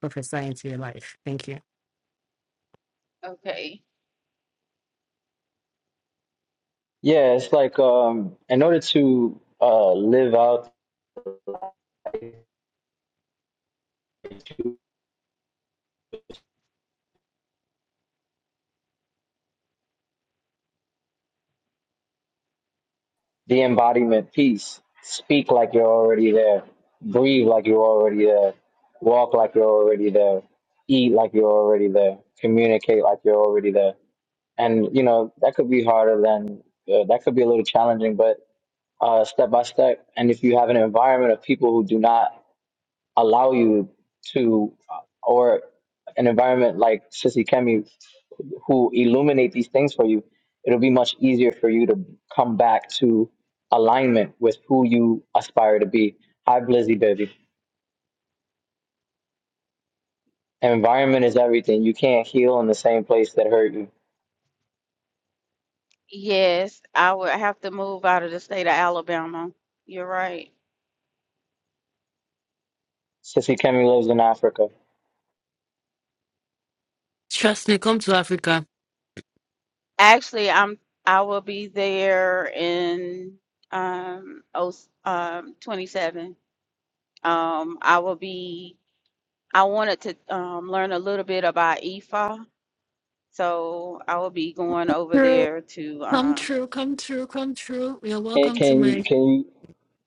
Speaker 3: Professor into your life. Thank you.
Speaker 4: Okay.
Speaker 7: Yeah, it's like um in order to uh live out the embodiment piece. Speak like you're already there. Breathe like you're already there. Walk like you're already there. Eat like you're already there. Communicate like you're already there. And you know that could be harder than uh, that could be a little challenging, but uh, step by step. And if you have an environment of people who do not allow you to, or an environment like Sissy Kemi who illuminate these things for you, it'll be much easier for you to come back to alignment with who you aspire to be. Hi, Blizzy baby. Environment is everything. You can't heal in the same place that hurt you.
Speaker 4: Yes, I would have to move out of the state of Alabama. You're right.
Speaker 7: Sissy Kemi lives in Africa.
Speaker 3: Trust me. Come to Africa.
Speaker 4: Actually, I'm I will be there in um oh um 27. Um, I will be I wanted to um learn a little bit about EFA, so I will be going over there to um
Speaker 7: Can can you can you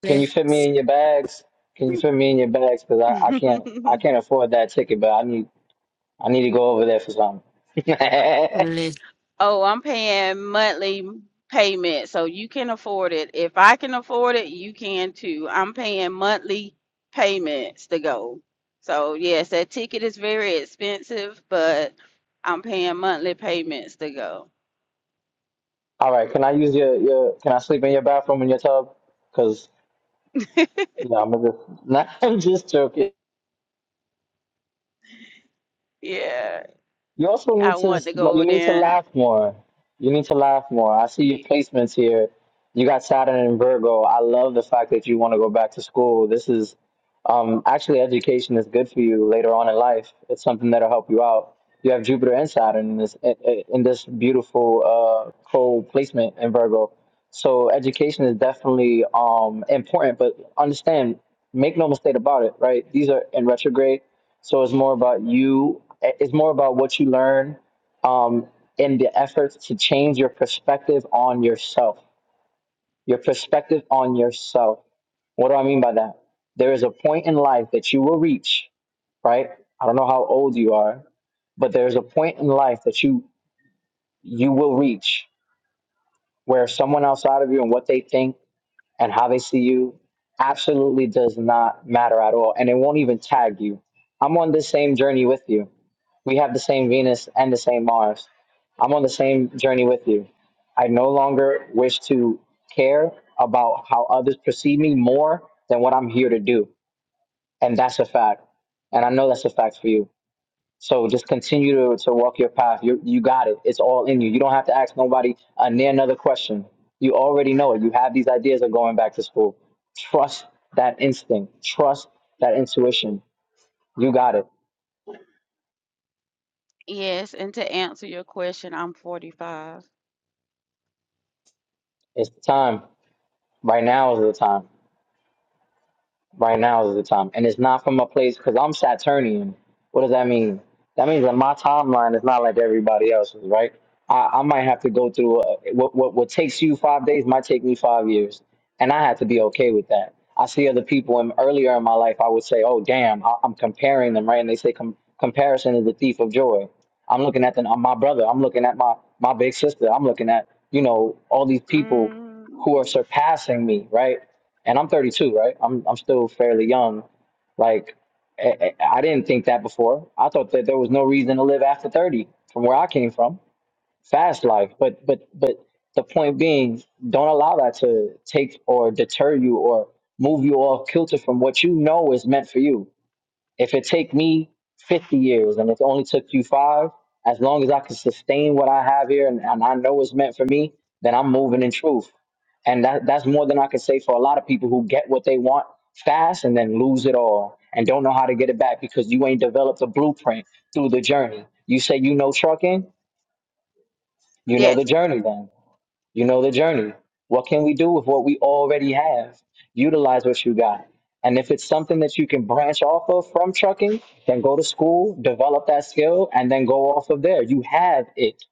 Speaker 7: can you fit me in your bags? Can you fit me in your bags? Cause I, I can't I
Speaker 4: <laughs>
Speaker 7: can't afford that ticket, but I need I need to go over there for something. <laughs>
Speaker 4: Oh, I'm paying monthly payment, so you can afford it. If I can afford it, you can too. I'm paying monthly payments to go. So yes, that ticket is very expensive, but I'm paying monthly payments to go.
Speaker 7: All right, can I use your, your can I sleep in your bathroom in your tub? Cause
Speaker 4: <laughs>
Speaker 7: Yeah, I'm just, <laughs> no, I'm just joking.
Speaker 4: Yeah,
Speaker 7: You also need
Speaker 4: I
Speaker 7: to,
Speaker 4: want to
Speaker 7: sm-
Speaker 4: go over
Speaker 7: you need to
Speaker 4: there.
Speaker 7: laugh more. You need to laugh more. I see your
Speaker 4: Y-
Speaker 7: placements here. You got Saturn and Virgo. I love the fact that you want to go back to school. This is, um, actually education is good for you later on in life. It's something that'll help you out. You have Jupiter and Saturn in this, i- i- in this beautiful, uh, co-placement in Virgo. So education is definitely, um, important, but understand, make no mistake about it, right? These are in retrograde So it's more about you. It's more about what you learn, um, and the efforts to change your perspective on yourself. Your perspective on yourself. What do I mean by that? There is a point in life that you will reach, right? I don't know how old you are, but there's a point in life that you you will reach where someone outside of you and what they think and how they see you absolutely does not matter at all, and it won't even tag you. I'm on the same journey with you We have the same Venus and the same Mars. I'm on the same journey with you. I no longer wish to care about how others perceive me more than what I'm here to do. And that's a fact. And I know that's a fact for you. So just continue to, to walk your path. You, you got it. It's all in you. You don't have to ask nobody a near another question. You already know it. You have these ideas of going back to school. Trust that instinct. Trust that intuition. You got it.
Speaker 4: Yes, and to answer your question, I'm 45.
Speaker 7: It's the time. Right now is the time. Right now is the time. And it's not from a place, because I'm Saturnian. What does that mean? That means that my timeline is not like everybody else's, right? I, I might have to go through uh what, what, what takes you five days might take me five years. And I have to be okay with that. I see other people, and earlier in my life, I would say, oh, damn, I, I'm comparing them, right? And they say com- comparison is the thief of joy. I'm looking at the, uh, my brother. I'm looking at my, my big sister. I'm looking at, you know, all these people
Speaker 4: Mm,
Speaker 7: who are surpassing me, right? and I'm 32, right? I'm I'm still fairly young. Like I, I I didn't think that before. I thought that there was no reason to live after 30 from where I came from. Fast life, but but but the point being, don't allow that to take or deter you or move you off kilter from what you know is meant for you. If it take me 50 years and it only took you five, as long as I can sustain what I have here and, and I know it's meant for me, then I'm moving in truth. And that, that's more than I can say for a lot of people who get what they want fast and then lose it all and don't know how to get it back because you ain't developed a blueprint through the journey. You say you know trucking, you know
Speaker 4: yes,
Speaker 7: the journey then. You know the journey. What can we do with what we already have? Utilize what you got. And if it's something that you can branch off of from trucking, then go to school, develop that skill, and then go off of there. You have it.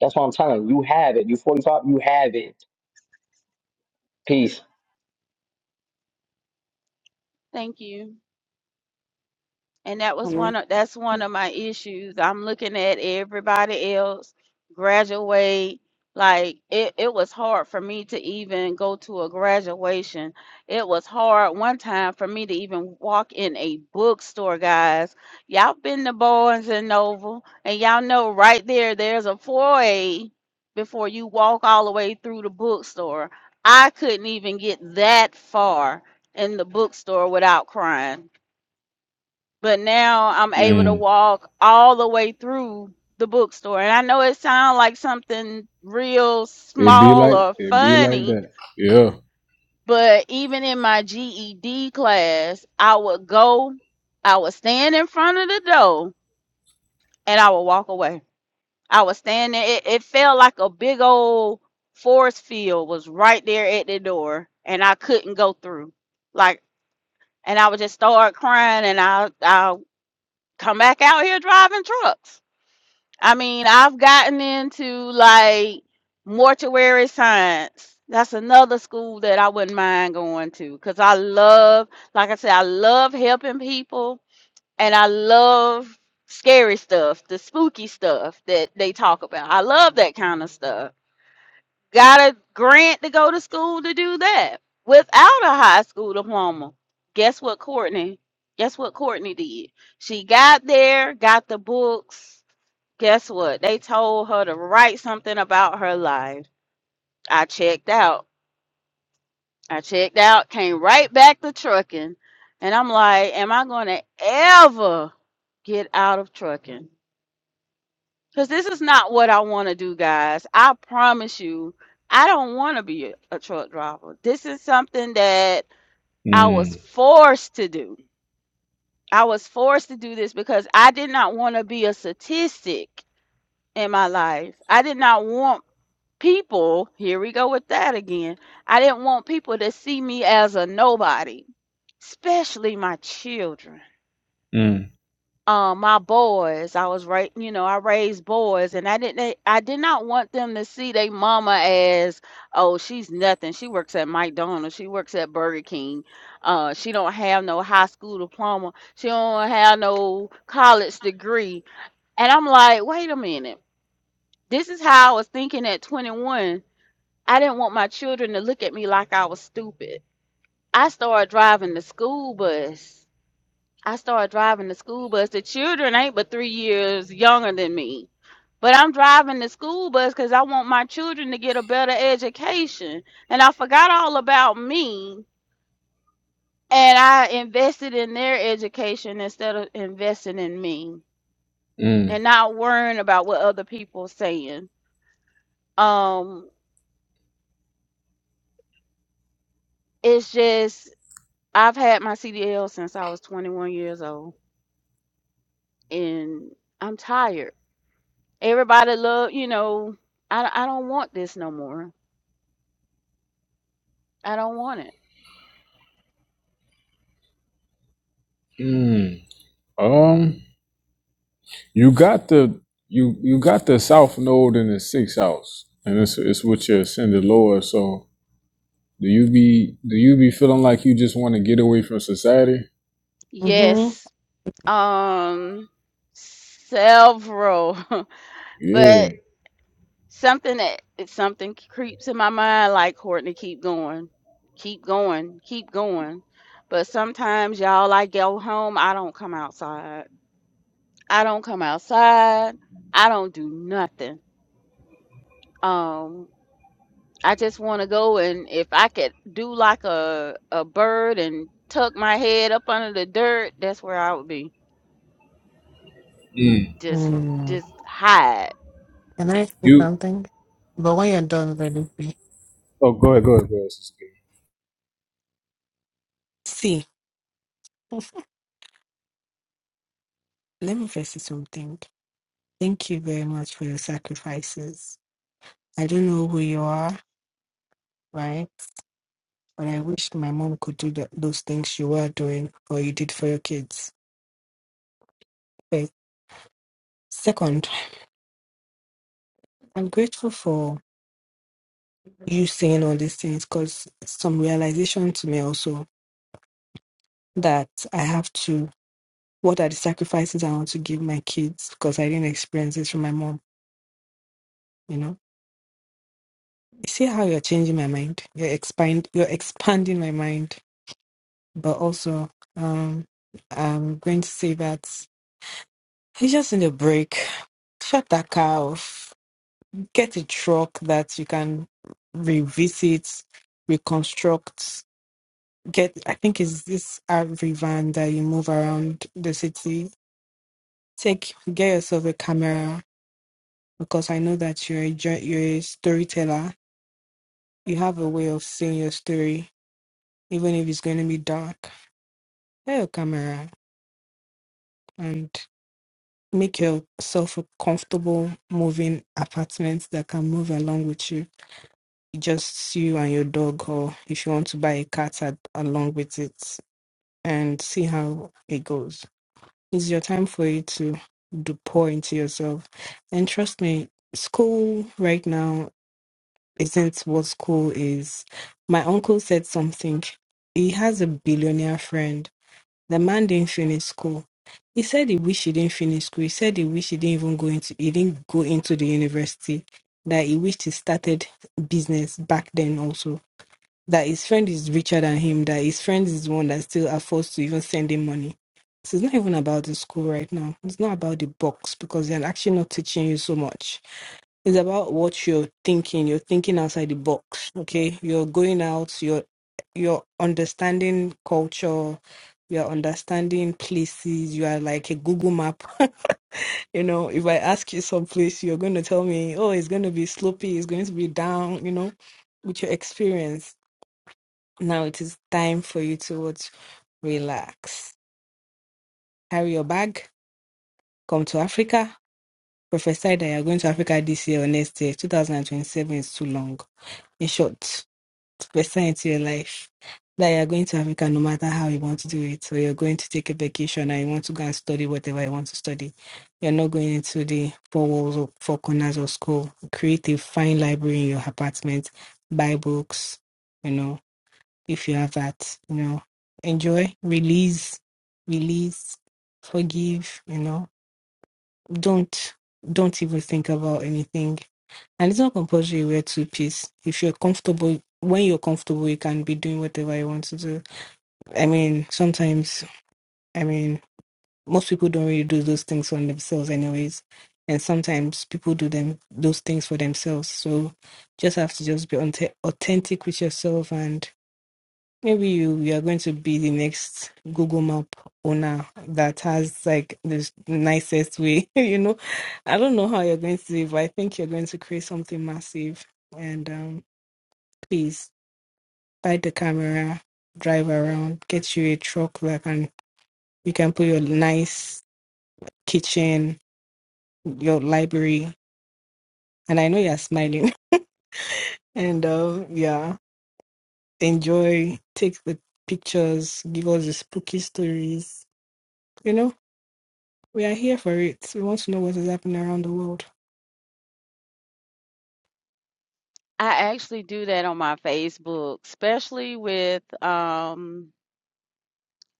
Speaker 7: That's what I'm telling you. You have it. You 45, you have it. Peace.
Speaker 4: thank you. And that was
Speaker 3: Hello.
Speaker 4: one of that's one of my issues. I'm looking at everybody else graduate. Like it, it was hard for me to even go to a graduation. It was hard one time for me to even walk in a bookstore, guys. Y'all been to Barnes and Noble, and y'all know right there there's a foyer before you walk all the way through the bookstore. I couldn't even get that far in the bookstore without crying but now I'm able to
Speaker 2: Mm.
Speaker 4: walk all the way through the bookstore. And I know it sounds like something real
Speaker 2: It be
Speaker 4: small
Speaker 2: like
Speaker 4: or
Speaker 2: it be like
Speaker 4: funny,
Speaker 2: that. Yeah.
Speaker 4: but even in my GED class, I would go, I would stand in front of the door and I would walk away. I would stand there. It, it felt like a big old force field was right there at the door and I couldn't go through. Like, and I would just start crying and I, I'll come back out here driving trucks I mean, I've gotten into like mortuary science. That's another school that I wouldn't mind going to because I love, like I said, I love helping people and I love scary stuff, the spooky stuff that they talk about. I love that kind of stuff. Got a grant to go to school to do that without a high school diploma. Guess what, Courtney? Guess what Courtney did? She got there, got the books, Guess what? They told her to write something about her life. I checked out. I checked out, came right back to trucking. And I'm like, am I going to ever get out of trucking? Because this is not what I want to do, guys. I promise you, I don't want to be a a truck driver. This is something that I was
Speaker 2: Mm.
Speaker 4: forced to do. I was forced to do this because I did not want to be a statistic in my life. I did not want people, here we go with that again. I didn't want people to see me as a nobody, especially my children.
Speaker 2: Mm.
Speaker 4: Um, my boys, I was right, you know, I raised boys and I didn't I did not want them to see their mama as, oh, she's nothing. She works at McDonald's, she works at Burger King. Uh, she don't have no high school diploma, she don't have no college degree. And I'm like, wait a minute. This is how I was thinking at 21 I didn't want my children to look at me like I was stupid. I started driving the school bus. I started driving the school bus. The children ain't but three years younger than me. But I'm driving the school bus because I want my children to get a better education. And I forgot all about me. And I invested in their education instead of investing in me
Speaker 2: Mm.
Speaker 4: and not worrying about what other people saying. Um, it's just, I've had my CDL since I was 21 years old. and I'm tired. Everybody love, you know, I I don't want this no more. I don't want it.
Speaker 2: Mm. Um, you got the you you got the south node in the sixth house, and it's it's with your ascended Lord. So Do you be do you be feeling like you just want to get away from society?
Speaker 3: Mhm.
Speaker 4: Yes. Um several. <laughs>
Speaker 2: Yeah.
Speaker 4: but something that it's something creeps in my mind like Courtney, keep going. Keep going. Keep going. But sometimes y'all I go home, I don't come outside. I don't come outside. I don't do nothing. Um I just want to go and if I could do like a a bird and tuck my head up under the dirt, that's where I would be.
Speaker 2: Mm.
Speaker 4: Just
Speaker 3: Mm.
Speaker 4: just hide.
Speaker 3: Can I say
Speaker 2: You.
Speaker 3: something? But when you're done, let it be.
Speaker 2: Oh, go ahead. Go ahead. Go ahead.
Speaker 3: See. Let me first say something. Thank you very much for your sacrifices. I don't know who you are, right? But I wish my mom could do the, those things you were doing or you did for your kids. Okay. Second, I'm grateful for you saying all these things because some realization to me also that I have to, what are the sacrifices I want to give my kids because I didn't experience this from my mom, you know? You see how you're changing my mind? You're expand, you're expanding my mind But also, um, I'm going to say that you just need a break. Shut that car off. Get a truck that you can revisit, reconstruct. Get, I think it's this RV van that you move around the city. Take, get yourself a camera because I know that you're a, jour- you're a storyteller. You have a way of seeing your story, even if it's going to be dark. Get your camera, and. make yourself a comfortable moving apartment that can move along with you just you and your dog or if you want to buy a cat ad- along with it and see how it goes it's your time for you to do pour into yourself and trust me school right now isn't what school is my uncle said something he has a billionaire friend the man didn't finish school. He said he wished he didn't finish school. He said he wished he didn't even go into he didn't go into the university. That he wished he started business back then also. That his friend is richer than him. That his friend is the one that still affords to even send him money. So it's not even about the school right now. It's not about the box because they're actually not teaching you so much. It's about what you're thinking. You're thinking outside the box. Okay. You're going out, you're you're understanding culture, you're understanding places, you are like a Google map. <laughs> you know, if I ask you some place, you're gonna tell me, Oh, it's gonna be slopey, it's going to be down, you know, with your experience. Now it is time for you to what relax. Carry your bag, come to Africa. Prophesy that you're going to Africa this year or next year. 2027 is too long. In short. percent to your life that you're going to Africa no matter how you want to do it. So you're going to take a vacation and you want to go and study whatever you want to study. You're not going into the four walls or four corners of school. Create a fine library in your apartment, buy books, you know, if you have that, you know. Enjoy, release, release, forgive, you know. Don't don't even think about anything and it's not compulsory you wear two piece. If you're comfortable, when you're comfortable, you can be doing whatever you want to do. I mean, sometimes, I mean, most people don't really do those things on themselves, anyways. And sometimes people do them those things for themselves. So just have to just be aunt- authentic with yourself, and maybe you you are going to be the next Google Map owner that has like the nicest way. <laughs> you know, I don't know how you're going to live, but I think you're going to create something massive. And um please buy the camera, drive around, get you a truck that can you can put your nice kitchen, your library. And I know you're smiling. <laughs> And uh, yeah, enjoy, take the pictures, give us the spooky stories. You know, we are here for it. We want to know what is happening around the world.
Speaker 4: I actually do that on my Facebook, especially with um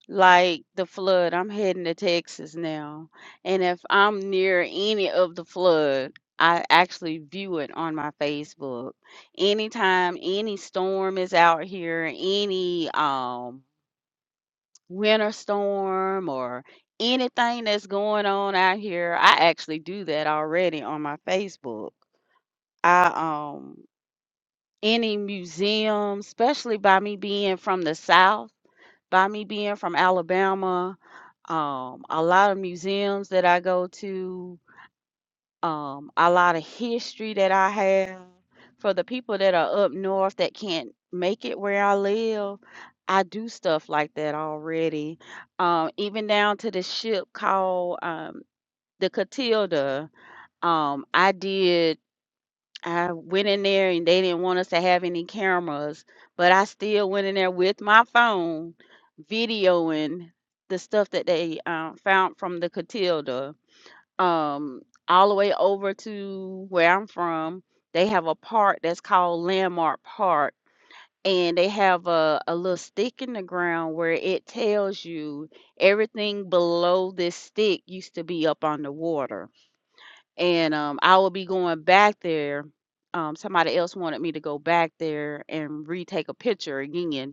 Speaker 4: like the flood. I'm heading to Texas now, and if I'm near any of the flood, I actually view it on my Facebook. Anytime any storm is out here, any um winter storm or anything that's going on out here. I actually do that already on my Facebook. I um any museum, especially by me being from the South, by me being from Alabama, um, a lot of museums that I go to, um, a lot of history that I have. For the people that are up north that can't make it where I live, I do stuff like that already. Um, even down to the ship called um, the Catilda, um, I did. I went in there and they didn't want us to have any cameras, but I still went in there with my phone, videoing the stuff that they uh, found from the Catilda um all the way over to where I'm from, they have a park that's called Landmark Park and they have a, a little stick in the ground where it tells you everything below this stick used to be up on the water. And um I will be going back there. Um somebody else wanted me to go back there and retake a picture again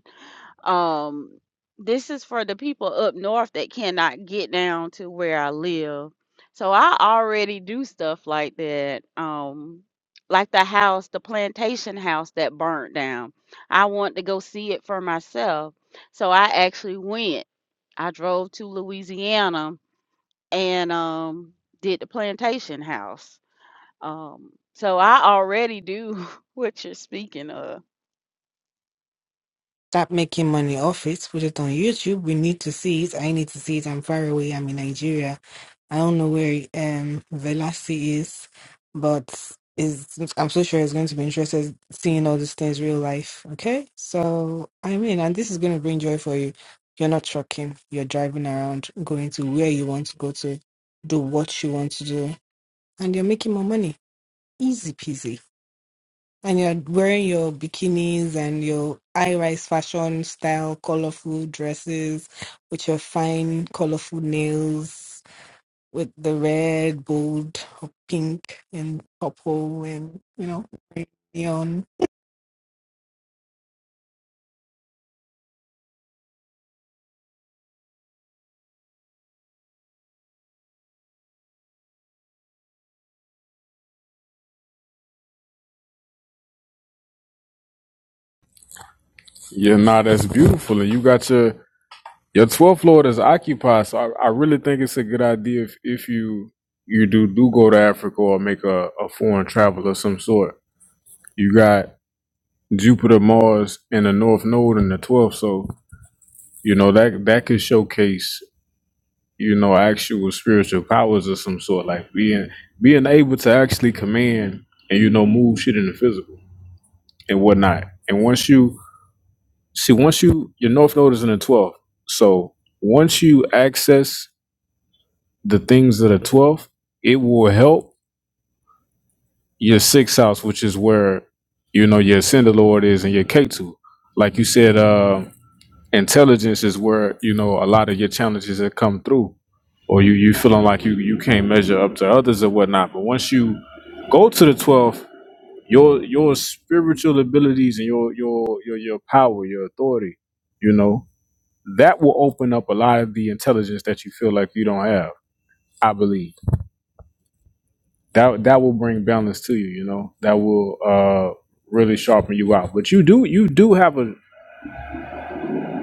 Speaker 4: um, this is for the people up north that cannot get down to where I live. So I already do stuff like that. Um, like the house, the plantation house that burnt down. I want to go see it for myself. So I actually went. I drove to Louisiana and um did the plantation house. Um, so I already do <laughs> what you're speaking of.
Speaker 3: Stop making money off it. Put it on YouTube. We need to see it. I need to see it. I'm far away. I'm in Nigeria I don't know where um Velasi is, but is I'm so sure he's going to be interested seeing all these things real life. Okay, so I mean, and this is going to bring joy for you. You're not trucking. You're driving around, going to where you want to go to, do what you want to do, and you're making more money. Easy peasy. And you're wearing your bikinis and your high rise fashion style, colorful dresses with your fine, colorful nails with the red, gold, or pink, and purple, and you know, neon.
Speaker 2: Yeah, nah, that's beautiful. And you got your your twelfth Lord is occupied. So I, I really think it's a good idea if, if you you do do go to Africa or make a, a foreign travel of some sort. You got Jupiter, Mars, and the North Node in the twelfth. So, you know, that that could showcase you know, actual spiritual powers of some sort, like being being able to actually command and you know move shit in the physical and whatnot. And once you see, once you your north node is in the twelfth, so once you access the things that are twelfth, it will help your sixth house, which is where you know your ascended lord is and your K two. Like you said, uh. intelligence is where you know a lot of your challenges have come through or you you feeling like you you can't measure up to others or whatnot but once you go to the 12th your your spiritual abilities and your your your, your power your authority you know that will open up a lot of the intelligence that you feel like you don't have i believe that that will bring balance to you you know that will uh really sharpen you out but you do you do have a.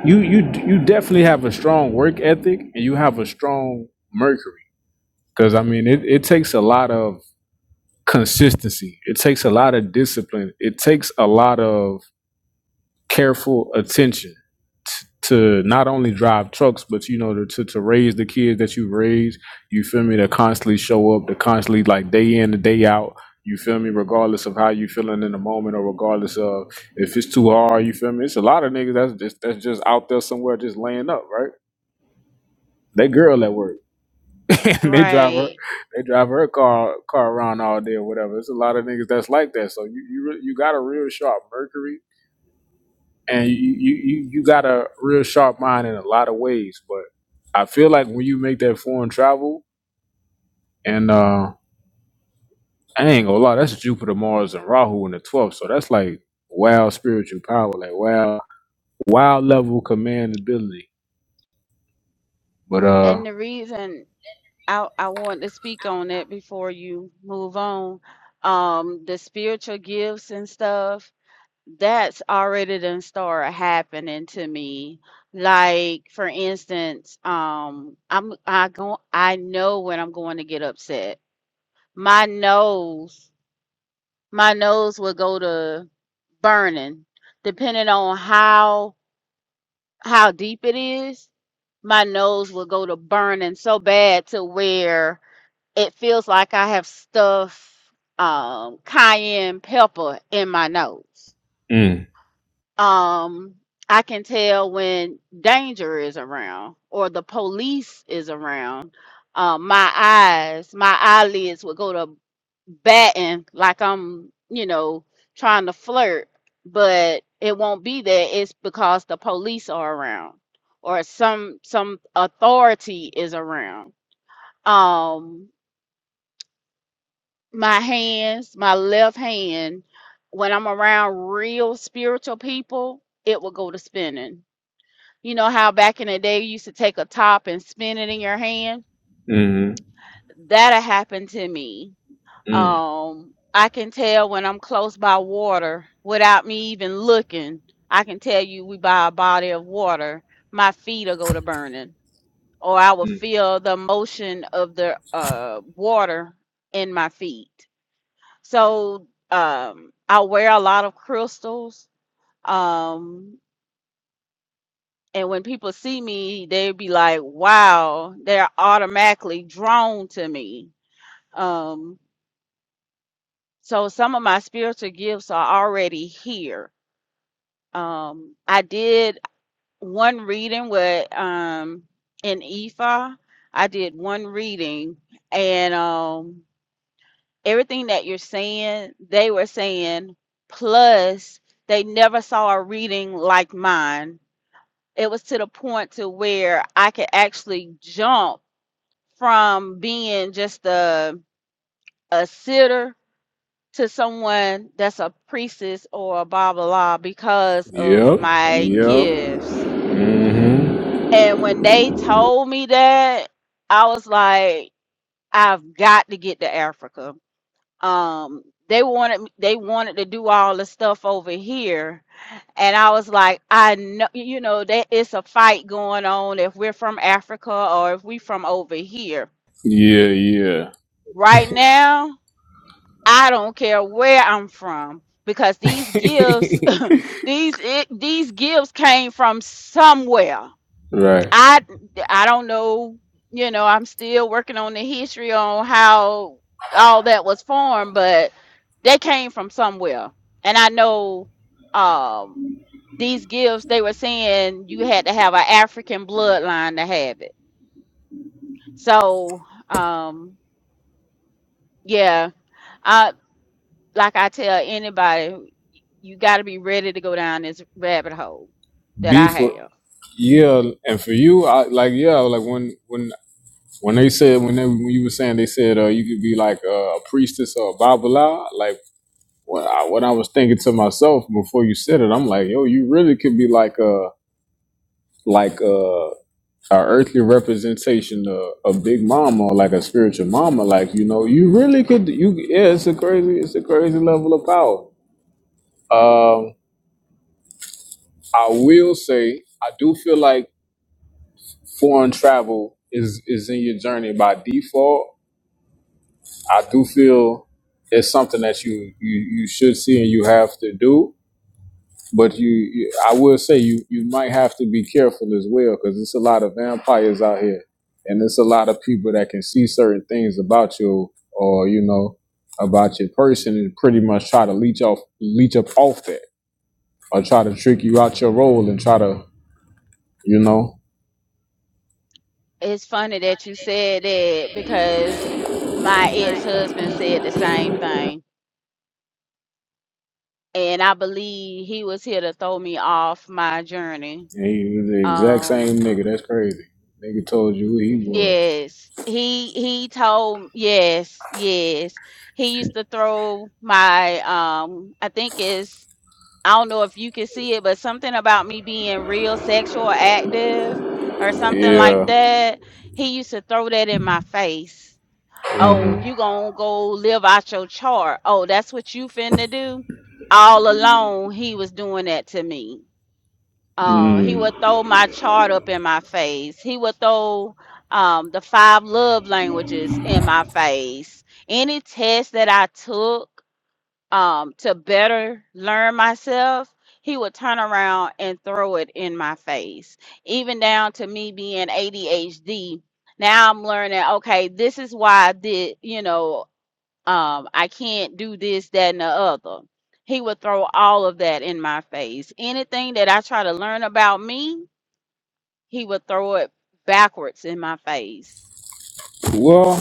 Speaker 2: you you you definitely have a strong work ethic and you have a strong mercury because i mean it, it takes a lot of consistency it takes a lot of discipline it takes a lot of careful attention t- to not only drive trucks but you know to, to, to raise the kids that you raise you feel me to constantly show up to constantly like day in and day out you feel me regardless of how you feeling in the moment or regardless of if it's too hard you feel me it's a lot of niggas that's just that's just out there somewhere just laying up right They girl at work. <laughs> and they drive her
Speaker 4: Right.
Speaker 2: they drive her car car around all day or whatever. It's a lot of niggas that's like that. So you you re- you got a real sharp Mercury and you you you you got a real sharp mind in a lot of ways. But I feel like when you make that foreign travel and uh I ain't gonna lie, that's Jupiter, Mars and Rahu in the twelfth. So that's like wild spiritual power, like wild wild level command ability. But uh
Speaker 4: And the reason I I want to speak on that before you move on. Um, the spiritual gifts and stuff, that's already done started happening to me. Like for instance, um, I'm I go I know when I'm going to get upset. My nose, my nose will go to burning, depending on how how deep it is. My nose will go to burning so bad to where it feels like I have stuffed um, cayenne pepper in my nose.
Speaker 2: mm,
Speaker 4: Um, I can tell when danger is around or the police is around. Um, my eyes, my eyelids will go to batting like I'm, you know, trying to flirt, but it won't be there. It's because the police are around or some some authority is around. Um, my hands, my left hand, when I'm around real spiritual people, it will go to spinning. You know how back in the day you used to take a top and spin it in your hand?
Speaker 2: mm,
Speaker 4: That'll happen to me.
Speaker 2: mm,
Speaker 4: Um, I can tell when I'm close by water without me even looking. I can tell you we by a body of water, my feet will go to burning, or I will
Speaker 2: mm.
Speaker 4: feel the motion of the uh, water in my feet So um, I wear a lot of crystals. Um, and when people see me, they be like, wow, they're automatically drawn to me. Um, so some of my spiritual gifts are already here. Um, I did one reading with um, an Ephah. I did one reading, and um, everything that you're saying, they were saying, plus they never saw a reading like mine. It was to the point to where I could actually jump from being just a a sitter to someone that's a priestess or a blah blah blah because of
Speaker 2: Yep.
Speaker 4: my
Speaker 2: Yep.
Speaker 4: gifts.
Speaker 2: hmm
Speaker 4: And when they told me that, I was like, I've got to get to Africa Um, they wanted they wanted to do all the stuff over here, and I was like, I know, you know, that it's a fight going on if we're from Africa or if we from over here.
Speaker 2: Yeah, yeah. <laughs>
Speaker 4: Right now, I don't care where I'm from because these gifts, <laughs> these it, these gifts came from somewhere.
Speaker 2: Right.
Speaker 4: I I don't know, you know, I'm still working on the history on how all that was formed, but they came from somewhere. And I know um these gifts they were saying you had to have an African bloodline to have it. So, um yeah, I like I tell anybody, you got to be ready to go down this rabbit hole that
Speaker 2: B
Speaker 4: I
Speaker 2: for
Speaker 4: have.
Speaker 2: yeah, and for you, I like yeah, like when when when they said when they when you were saying they said uh you could be like uh, a priestess or a babala, like what I, what I was thinking to myself before you said it, I'm like yo, you really could be like a like a, a earthly representation of a big mama or like a spiritual mama, like you know, you really could you yeah, it's a crazy it's a crazy level of power. Um, I will say I do feel like foreign travel is is in your journey by default. I do feel it's something that you you, you should see and you have to do. But you, you I will say you you might have to be careful as well because there's a lot of vampires out here, and there's a lot of people that can see certain things about you or you know about your person and pretty much try to leech off leech up off that or try to trick you out your role and try to you know
Speaker 4: It's funny that you said that because my ex-husband said the same thing, and I believe he was here to throw me off my journey.
Speaker 2: And he was the exact
Speaker 4: Um,
Speaker 2: same nigga. That's crazy. Nigga told you who he was.
Speaker 4: yes, he he told yes, yes. He used to throw my um, I think it's I don't know if you can see it, but something about me being real sexual active or something like
Speaker 2: Yeah.
Speaker 4: that. He used to throw that in my face Oh,
Speaker 2: hmm
Speaker 4: you gonna go live out your chart. Oh, that's what you finna do. All alone, he was doing that to me. Um, he
Speaker 2: Mm.
Speaker 4: would throw my chart up in my face. He would throw um the five love languages in my face. Any test that I took um to better learn myself, he would turn around and throw it in my face. Even down to me being ADHD now I'm learning, okay, this is why I did, you know, um, I can't do this, that, and the other. He would throw all of that in my face. Anything that I try to learn about me, he would throw it backwards in my face.
Speaker 2: Well,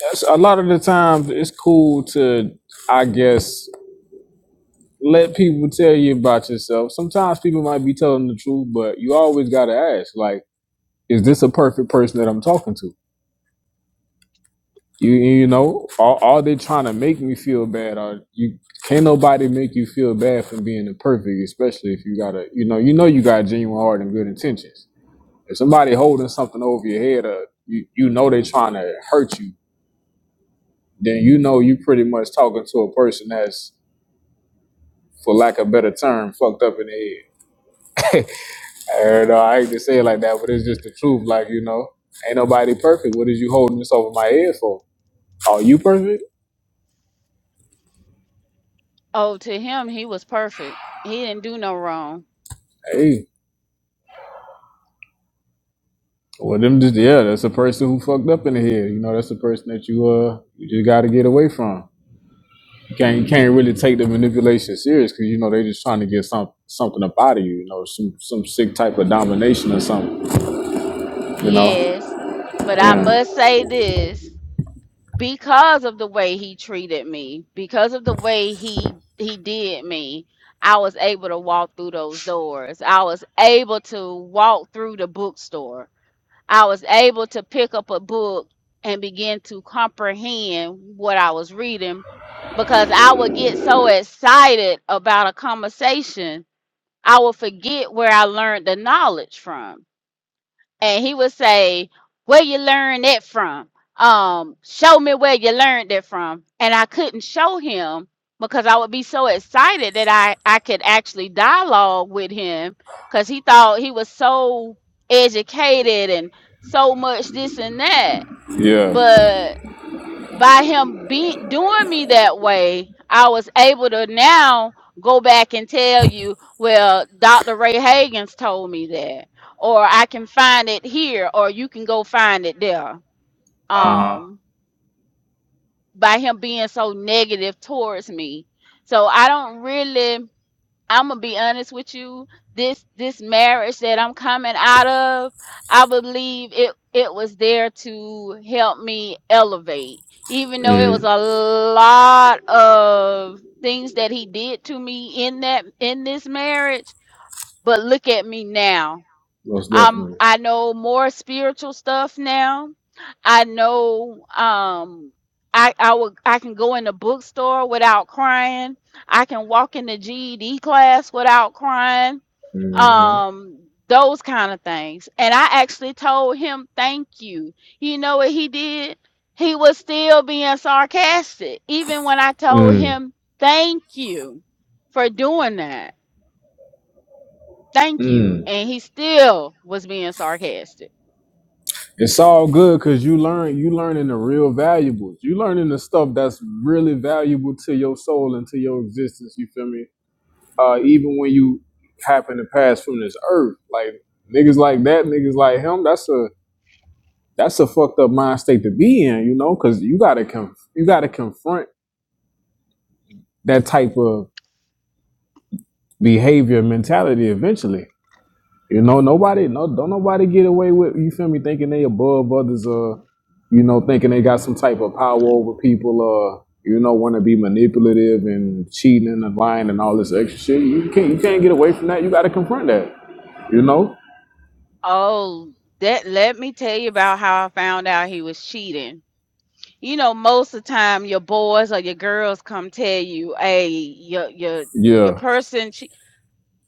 Speaker 2: that's, a lot of the times it's cool to, I guess, let people tell you about yourself. Sometimes people might be telling the truth, but you always gotta ask, like, is this a perfect person that I'm talking to? You you know, are, are they trying to make me feel bad? Or you can't nobody make you feel bad for being the perfect? especially if you got a you know you know you got a genuine heart and good intentions. If somebody holding something over your head, uh, you you know they trying to hurt you. Then you know you pretty much talking to a person that's, for lack of a better term, fucked up in the head. <laughs> I know I hate to say it like that, but it's just the truth. Like you know, ain't nobody perfect. What is you holding this over my head for? Are you perfect?
Speaker 4: Oh, to him, he was perfect. He didn't do no wrong.
Speaker 2: Hey, well them just yeah, that's a person who fucked up in the head. You know, that's the person that you uh you just got to get away from. You can't you can't really take the manipulation serious because you know they just trying to get some something up out of you. You know, some some sick type of domination or something. You know.
Speaker 4: Yes, but I
Speaker 2: Yeah.
Speaker 4: must say this because of the way he treated me, because of the way he he did me, I was able to walk through those doors. I was able to walk through the bookstore. I was able to pick up a book and begin to comprehend what I was reading because I would get so excited about a conversation, I would forget where I learned the knowledge from and he would say, "Where you learn that from? Um, show me where you learned that from." And I couldn't show him because I would be so excited that I I could actually dialogue with him because he thought he was so educated and so much this and that,
Speaker 2: Yeah.
Speaker 4: but by him be doing me that way, I was able to now go back and tell you, well, Dr. Ray Hagens told me that, or I can find it here, or you can go find it there. Um, by him being so negative towards me. So I don't really I'm gonna be honest with you. This this marriage that I'm coming out of, I believe it it was there to help me elevate. Even though it was
Speaker 2: Mm-hmm.
Speaker 4: a lot of things that he did to me in that in this marriage, but look at me now.
Speaker 2: Most
Speaker 4: Um,
Speaker 2: definitely.
Speaker 4: I know more spiritual stuff now. I know um I I would I can go in the bookstore without crying. I can walk in the GED class without crying.
Speaker 2: Mm-hmm.
Speaker 4: Um those kind of things. And I actually told him thank you. You know what he did? He was still being sarcastic even when I told
Speaker 2: Mm.
Speaker 4: him thank you for doing that. Thank you.
Speaker 2: Mm.
Speaker 4: And he still was being sarcastic.
Speaker 2: It's all good because you learn you learning the real valuables. You learning the stuff that's really valuable to your soul and to your existence. You feel me? Uh, even when you happen to pass from this earth, like niggas like that, niggas like him. That's a that's a fucked up mind state to be in, you know, because you gotta conf- you gotta confront that type of behavior mentality eventually. You know, nobody no don't nobody get away with you feel me thinking they above others uh you know, thinking they got some type of power over people uh you know, want to be manipulative and cheating and lying and all this extra shit. You can't you can't get away from that. You gotta confront that. You know?
Speaker 4: Oh, that let me tell you about how I found out he was cheating. You know, most of the time your boys or your girls come tell you, "Hey, your your your
Speaker 2: Yeah.
Speaker 4: person." Che-.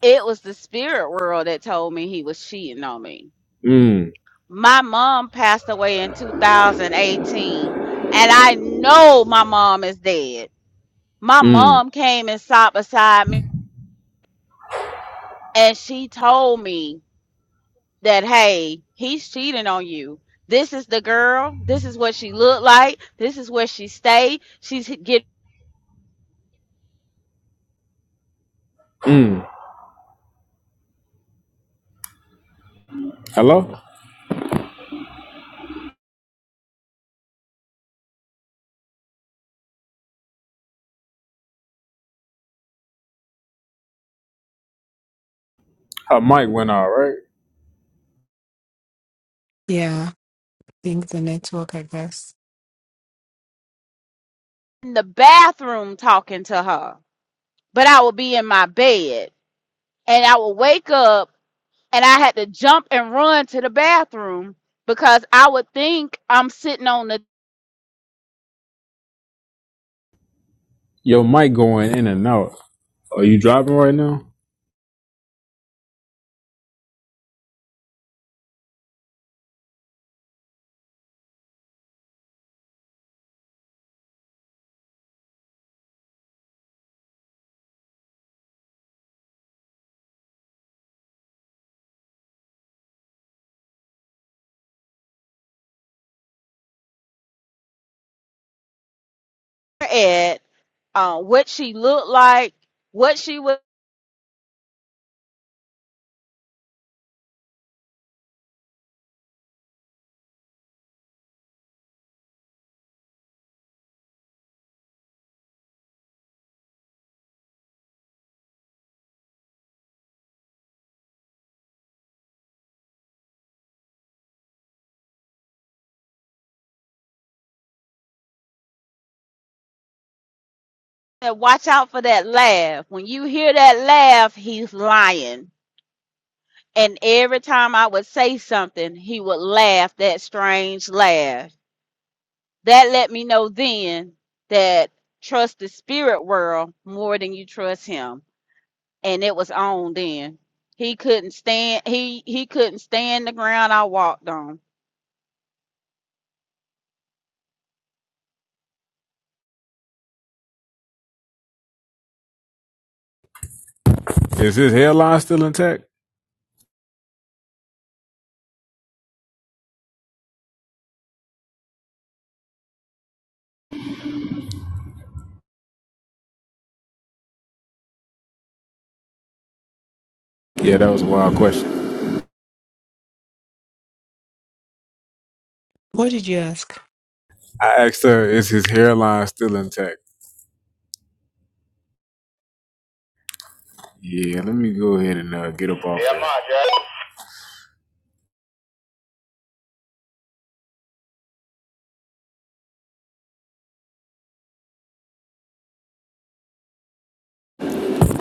Speaker 4: It was the spirit world that told me he was cheating on me.
Speaker 2: Mm.
Speaker 4: My mom passed away in 2018, and I know my mom is dead. My
Speaker 2: Mm.
Speaker 4: mom came and sat beside me, and she told me that hey he's cheating on you this is the girl this is what she looked like this is where she stayed she's getting
Speaker 2: Mm. Hello? Her mic went out, right?
Speaker 3: Yeah, I think the network, I guess.
Speaker 4: in the bathroom talking to her but i will be in my bed and i will wake up and i had to jump and run to the bathroom because i would think i'm sitting on the
Speaker 2: Your mic going in and out. Are you driving right now?
Speaker 4: ed uh, what she looked like what she was watch out for that laugh when you hear that laugh he's lying And every time I would say something, he would laugh that strange laugh. That let me know then that trust the spirit world more than you trust him. And it was on then. He couldn't stand he he couldn't stand the ground I walked on
Speaker 2: Is his hairline still intact? Yeah, that was a wild question.
Speaker 3: What did you ask?
Speaker 2: I asked her, is his hairline still intact? Yeah, let me go ahead and uh, get up off. Yeah, I'm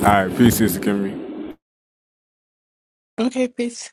Speaker 2: that. All right, peace, Sister Kimmy.
Speaker 3: Okay, peace.